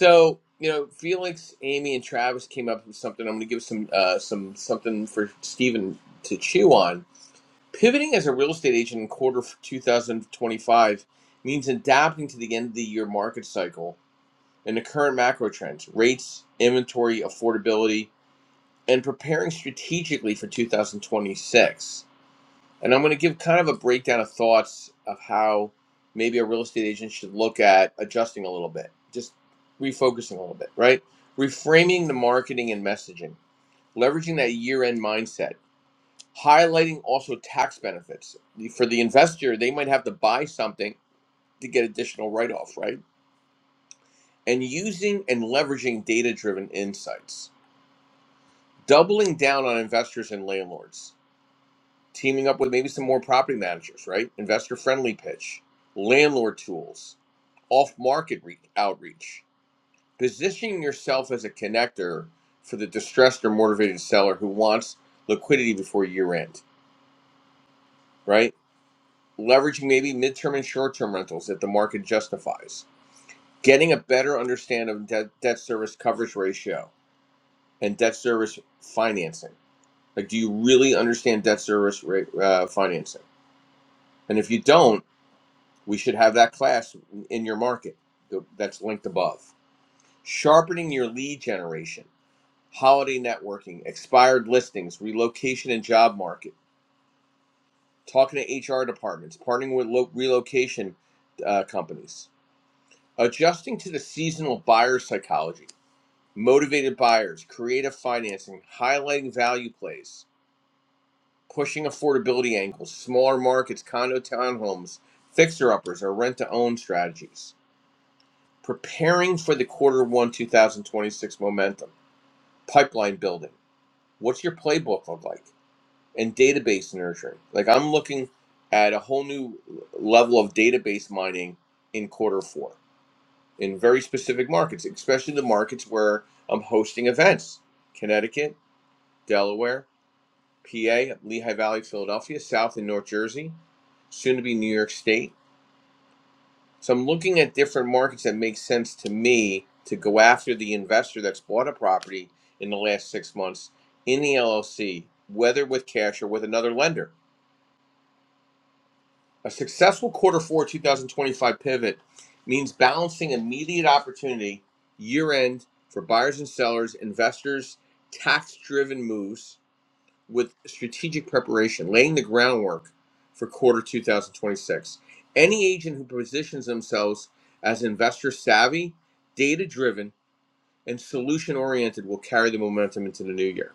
S1: So you know, Felix, Amy, and Travis came up with something. I'm going to give some uh, some something for Stephen to chew on. Pivoting as a real estate agent in quarter f- 2025 means adapting to the end of the year market cycle and the current macro trends, rates, inventory, affordability, and preparing strategically for 2026. And I'm going to give kind of a breakdown of thoughts of how maybe a real estate agent should look at adjusting a little bit, just refocusing a little bit, right? Reframing the marketing and messaging, leveraging that year end mindset, highlighting also tax benefits. For the investor, they might have to buy something to get additional write off, right? And using and leveraging data driven insights, doubling down on investors and landlords. teaming up with maybe some more property managers, right? Investor friendly pitch, landlord tools, off market re- outreach, positioning yourself as a connector for the distressed or motivated seller who wants liquidity before year end, right? Leveraging maybe midterm and short term rentals if the market justifies, getting a better understanding of debt, debt service coverage ratio and debt service financing. Like, do you really understand debt service rate, uh, financing? And if you don't, We should have that class in your market that's linked above. Sharpening your lead generation, holiday networking, expired listings, relocation and job market, talking to HR departments, partnering with lo- relocation uh, companies, adjusting to the seasonal buyer psychology, motivated buyers, creative financing, highlighting value plays, pushing affordability angles, smaller markets, condo townhomes, fixer uppers, or rent to own strategies preparing for the quarter one 2026 momentum, pipeline building. What's your playbook look like? And database nurturing. Like I'm looking at a whole new level of database mining in quarter four in very specific markets, especially the markets where I'm hosting events Connecticut, Delaware, PA, Lehigh Valley, Philadelphia, South and North Jersey, soon to be New York State So I'm looking at different markets that make sense to me to go after the investor that's bought a property in the last six months in the LLC, whether with cash or with another lender. A successful quarter four 2025 pivot means balancing immediate opportunity year end for buyers and sellers, investors, tax driven moves with strategic preparation, laying the groundwork for quarter 2026. Any agent who positions themselves as investor savvy, data driven, and solution oriented will carry the momentum into the new year.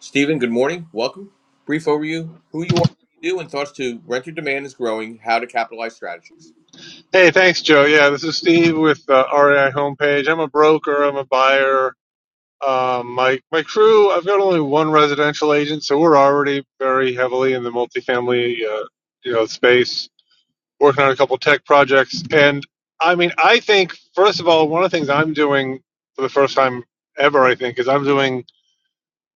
S1: Stephen, good morning. Welcome. Brief overview who you are, what you do, and thoughts to renter demand is growing, how to capitalize strategies.
S5: Hey, thanks, Joe. Yeah, this is Steve with uh, REI Homepage. I'm a broker. I'm a buyer. Um, my my crew. I've got only one residential agent, so we're already very heavily in the multifamily, uh, you know, space. Working on a couple tech projects, and I mean, I think first of all, one of the things I'm doing for the first time ever, I think, is I'm doing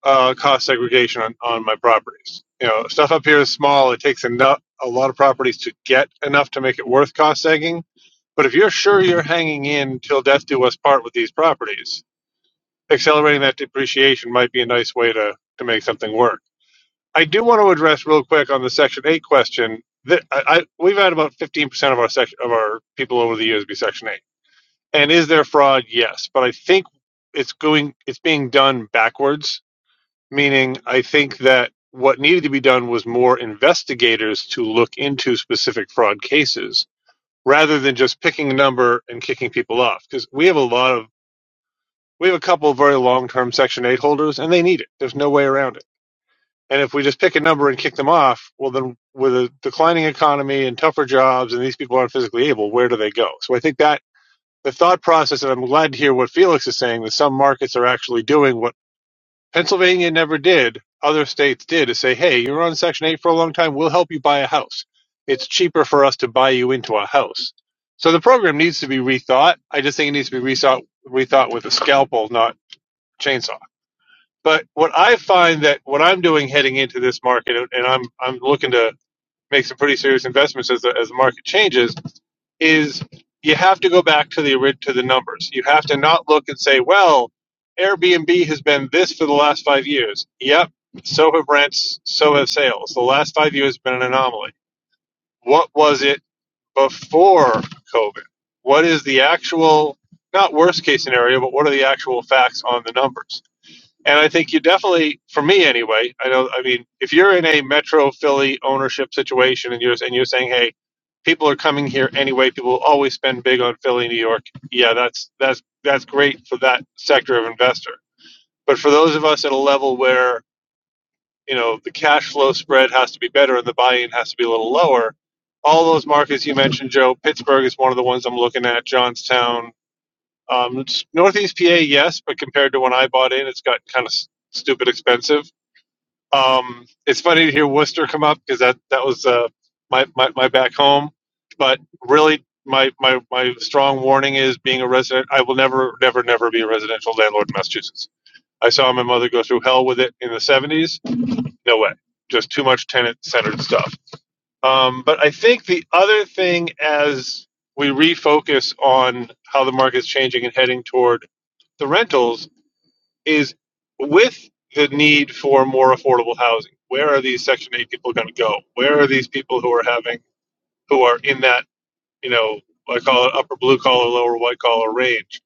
S5: uh, cost segregation on, on my properties. You know, stuff up here is small. It takes enough a lot of properties to get enough to make it worth cost segging but if you're sure you're hanging in till death do us part with these properties, accelerating that depreciation might be a nice way to, to make something work. I do want to address real quick on the Section 8 question that I, I, we've had about 15% of our section, of our people over the years be Section 8. And is there fraud? Yes. But I think it's going, it's being done backwards, meaning I think that what needed to be done was more investigators to look into specific fraud cases rather than just picking a number and kicking people off. Because we have a lot of, we have a couple of very long term Section 8 holders and they need it. There's no way around it. And if we just pick a number and kick them off, well, then with a declining economy and tougher jobs and these people aren't physically able, where do they go? So I think that the thought process, and I'm glad to hear what Felix is saying, that some markets are actually doing what Pennsylvania never did. Other states did is say, hey, you're on Section 8 for a long time. We'll help you buy a house. It's cheaper for us to buy you into a house. So the program needs to be rethought. I just think it needs to be rethought, rethought with a scalpel, not chainsaw. But what I find that what I'm doing heading into this market, and I'm I'm looking to make some pretty serious investments as the, as the market changes is you have to go back to the to the numbers. You have to not look and say, well, Airbnb has been this for the last five years. Yep, so have rents, so have sales. The last five years have been an anomaly. What was it before COVID? What is the actual not worst case scenario, but what are the actual facts on the numbers? And I think you definitely, for me anyway, I know. I mean, if you're in a Metro Philly ownership situation and you're and you're saying, hey, people are coming here anyway. People will always spend big on Philly, New York. Yeah, that's that's that's great for that sector of investor. But for those of us at a level where you know the cash flow spread has to be better and the buy-in has to be a little lower, all those markets you mentioned, Joe, Pittsburgh is one of the ones I'm looking at. Johnstown, um, Northeast PA, yes, but compared to when I bought in, it's got kind of stupid expensive um, it's funny to hear Worcester come up because that that was uh, my, my my back home. But really, my my my strong warning is being a resident. I will never, never, never be a residential landlord in Massachusetts. I saw my mother go through hell with it in the '70s. No way. Just too much tenant-centered stuff. Um, but I think the other thing, as we refocus on how the market's changing and heading toward the rentals, is with the need for more affordable housing, where are these Section 8 people going to go? Where are these people who are having, who are in that, you know, I call it upper blue collar, lower white collar range?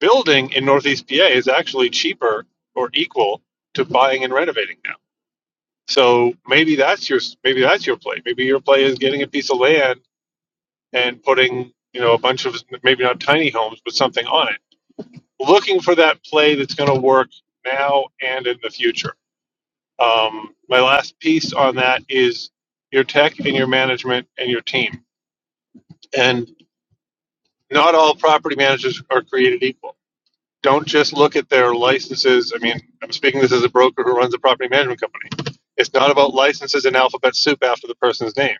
S5: Building in Northeast PA is actually cheaper or equal to buying and renovating now. So maybe that's your maybe that's your play. Maybe your play is getting a piece of land and putting you know a bunch of maybe not tiny homes but something on it. Looking for that play that's going to work now and in the future. Um, my last piece on that is your tech and your management and your team. And not all property managers are created equal. Don't just look at their licenses. I mean, I'm speaking this as a broker who runs a property management company. It's not about licenses and alphabet soup after the person's name.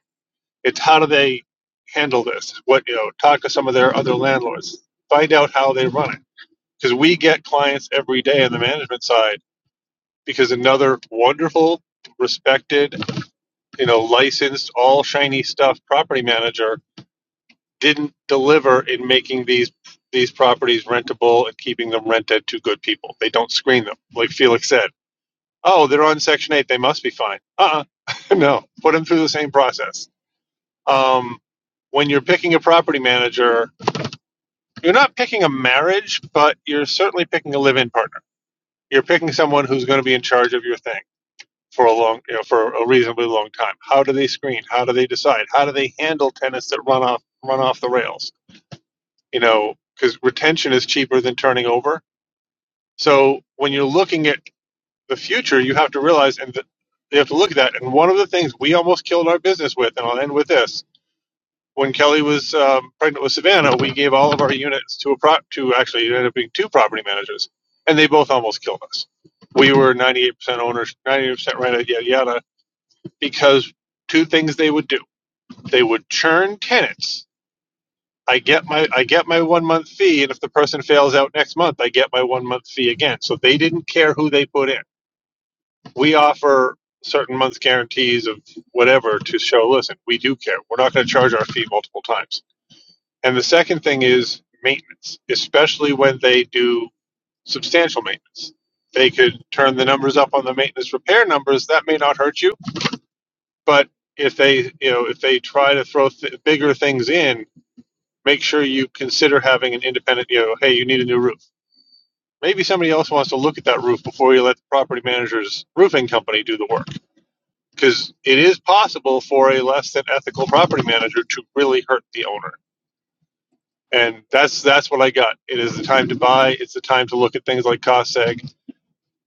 S5: It's how do they handle this? What you know, talk to some of their other landlords. Find out how they run it. Because we get clients every day on the management side because another wonderful, respected you know, licensed all shiny stuff property manager didn't deliver in making these these properties rentable and keeping them rented to good people. They don't screen them, like Felix said. Oh, they're on Section Eight. They must be fine. Uh, uh no. Put them through the same process. Um, when you're picking a property manager, you're not picking a marriage, but you're certainly picking a live-in partner. You're picking someone who's going to be in charge of your thing for a long, you know, for a reasonably long time. How do they screen? How do they decide? How do they handle tenants that run off run off the rails? You know, because retention is cheaper than turning over. So when you're looking at the future, you have to realize and th- you have to look at that. And one of the things we almost killed our business with, and I'll end with this: when Kelly was um, pregnant with Savannah, we gave all of our units to a prop to actually it ended up being two property managers, and they both almost killed us. We were 98% owners, 98% rented, yada yada because two things they would do they would churn tenants i get my i get my one month fee and if the person fails out next month i get my one month fee again so they didn't care who they put in we offer certain months guarantees of whatever to show listen we do care we're not going to charge our fee multiple times and the second thing is maintenance especially when they do substantial maintenance they could turn the numbers up on the maintenance repair numbers that may not hurt you But if they, you know, if they try to throw th- bigger things in, make sure you consider having an independent, you know, hey, you need a new roof. Maybe somebody else wants to look at that roof before you let the property manager's roofing company do the work. Because it is possible for a less than ethical property manager to really hurt the owner. And that's that's what I got. It is the time to buy. It's the time to look at things like cost seg.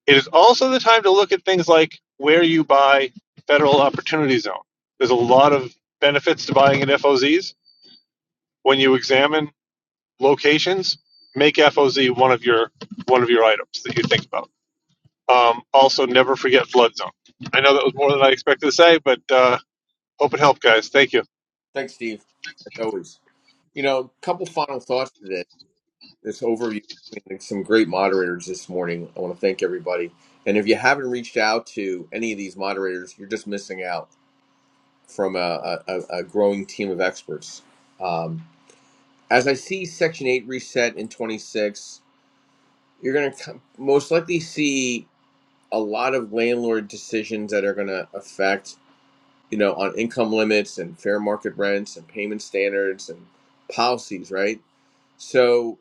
S5: It is also the time to look at things like where you buy federal opportunity zone. There's a lot of benefits to buying in F O Zs. when you examine locations, make FOZ one of your one of your items that you think about. Um, also, never forget flood zone. I know that was more than I expected to say, but uh, hope it helped, guys. Thank you.
S1: Thanks, Steve, as always. You know, a couple final thoughts to this. this overview between like, some great moderators this morning. I want to thank everybody. And if you haven't reached out to any of these moderators, you're just missing out from a, a, a growing team of experts. Um, as I see Section 8 reset in 26, you're going to most likely see a lot of landlord decisions that are going to affect, you know, on income limits and fair market rents and payment standards and policies, right? So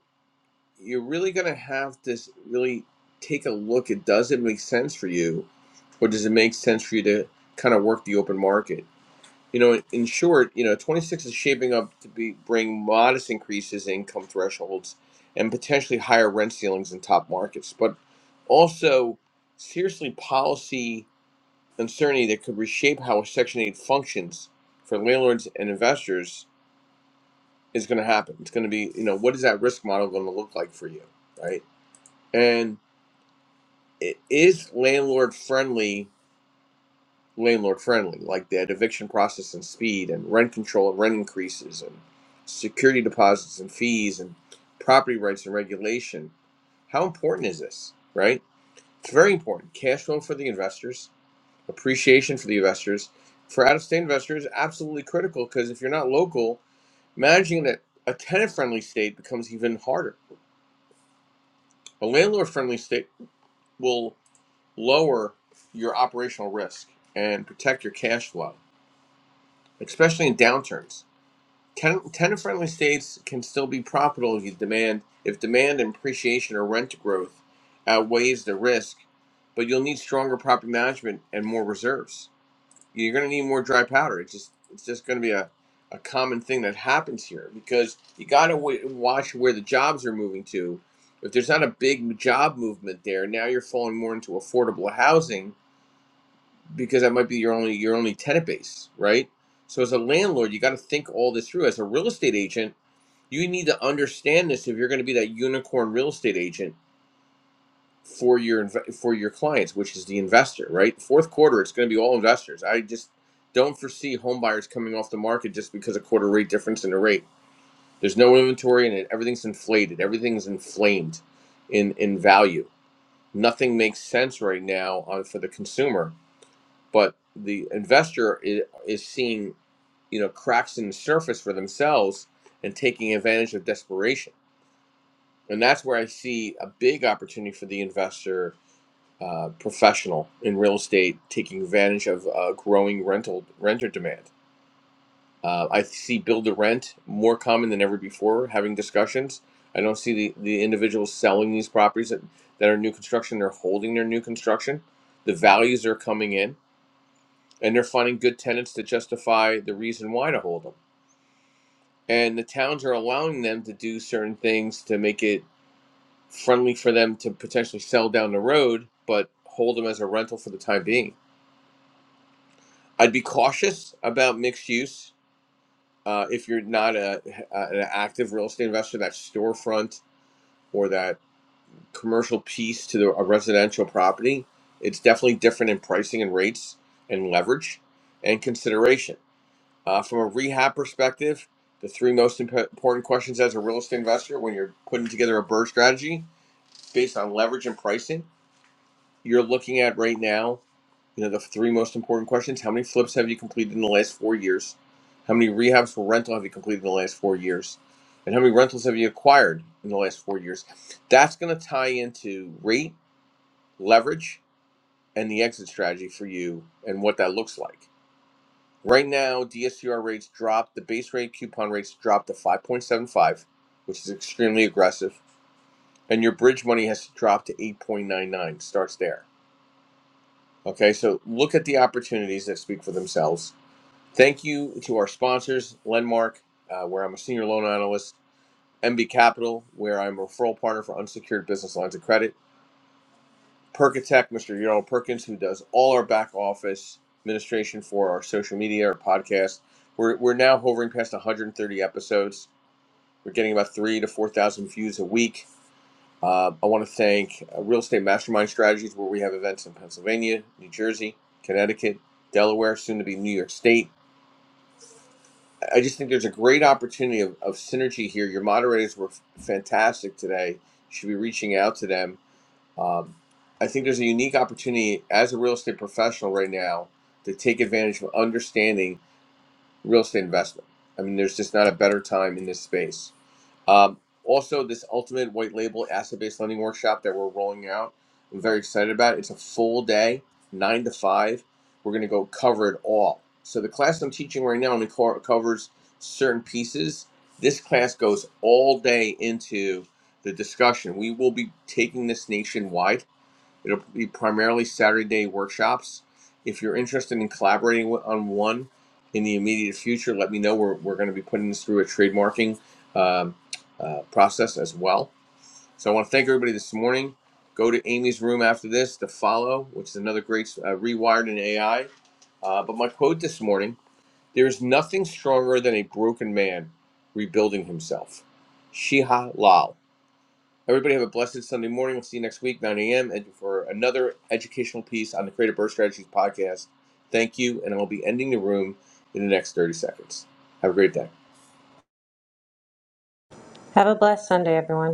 S1: you're really going to have to really take a look at does it make sense for you or does it make sense for you to kind of work the open market you know in short you know 26 is shaping up to be bring modest increases in income thresholds and potentially higher rent ceilings in top markets but also seriously policy uncertainty that could reshape how section 8 functions for landlords and investors is going to happen it's going to be you know what is that risk model going to look like for you right and i- is landlord friendly landlord friendly like that eviction process and speed and rent control and rent increases and security deposits and fees and property rights and regulation how important is this right it's very important cash flow for the investors appreciation for the investors for out-of-state investors absolutely critical because if you're not local managing a, a tenant-friendly state becomes even harder a landlord-friendly state will lower your operational risk and protect your cash flow, especially in downturns. Tenant, tenant friendly states can still be profitable if demand if demand and appreciation or rent growth outweighs the risk, but you'll need stronger property management and more reserves. You're going to need more dry powder. It's just it's just going to be a, a common thing that happens here because you got to w- watch where the jobs are moving to. If there's not a big job movement there, now you're falling more into affordable housing because that might be your only your only tenant base, right? So as a landlord, you got to think all this through. As a real estate agent, you need to understand this if you're going to be that unicorn real estate agent for your inv- for your clients, which is the investor, right? Fourth quarter, it's going to be all investors. I just don't foresee home buyers coming off the market just because of quarter rate difference in the rate. There's no inventory in it. Everything's inflated. Everything's inflamed in in value. Nothing makes sense right now on for the consumer but the investor is, is seeing you know cracks in the surface for themselves and taking advantage of desperation and that's where i see a big opportunity for the investor uh, professional in real estate taking advantage of uh, growing rental renter demand uh, i see build to rent more common than ever before having discussions i don't see the, the individuals selling these properties that, that are new construction they're holding their new construction the values are coming in and they're finding good tenants to justify the reason why to hold them. And the towns are allowing them to do certain things to make it friendly for them to potentially sell down the road, but hold them as a rental for the time being. I'd be cautious about mixed use uh, if you're not a, a, an active real estate investor. That storefront or that commercial piece to the, a residential property, it's definitely different in pricing and rates and leverage and consideration Uh, from a rehab perspective, the three most imp- important questions as a real estate investor when you're putting together a bird strategy based on leverage and pricing, you're looking at right now, you know, the three most important questions. How many flips have you completed in the last four years? How many rehabs for rental have you completed in the last four years? And how many rentals have you acquired in the last four years? That's going to tie into rate, leverage, and the exit strategy for you and what that looks like. Right now, DSCR rates dropped. The base rate coupon rates dropped to 5.75, which is extremely aggressive. And your bridge money has to drop to 8.99. Starts there. Okay, so look at the opportunities that speak for themselves. Thank you to our sponsors, Lenmark, uh, where I'm a senior loan analyst, MB Capital, where I'm a referral partner for unsecured business lines of credit, Perkatech, Mr. Yaro Perkins, who does all our back office administration for our social media, our podcast. We're, we're now hovering past 130 episodes. We're getting about three to 4,000 views a week. Uh, I want to thank uh, Real Estate Mastermind Strategies, where we have events in Pennsylvania, New Jersey, Connecticut, Delaware, soon to be New York State. I just think there's a great opportunity of, of synergy here. Your moderators were f- fantastic today. You should be reaching out to them um, I think there's a unique opportunity as a real estate professional right now to take advantage of understanding real estate investment. I mean, there's just not a better time in this space. Um, also, this ultimate white label asset based lending workshop that we're rolling out, I'm very excited about. It's a full day, nine to five. We're going to go cover it all. So, the class I'm teaching right now only co- covers certain pieces. This class goes all day into the discussion. We will be taking this nationwide It'll be primarily Saturday workshops. If you're interested in collaborating on one in the immediate future, let me know. We're, we're going to be putting this through a trademarking um, uh, process as well. So I want to thank everybody this morning. Go to Amy's room after this to follow, which is another great uh, rewired in AI. Uh, but my quote this morning there is nothing stronger than a broken man rebuilding himself. Shiha Lal. Everybody have a blessed Sunday morning. We'll see you next week, 9 a.m., and for another educational piece on the Creative Birth Strategies podcast. Thank you, and I'll be ending the room in the next 30 seconds. Have a great day.
S2: Have a blessed Sunday, everyone.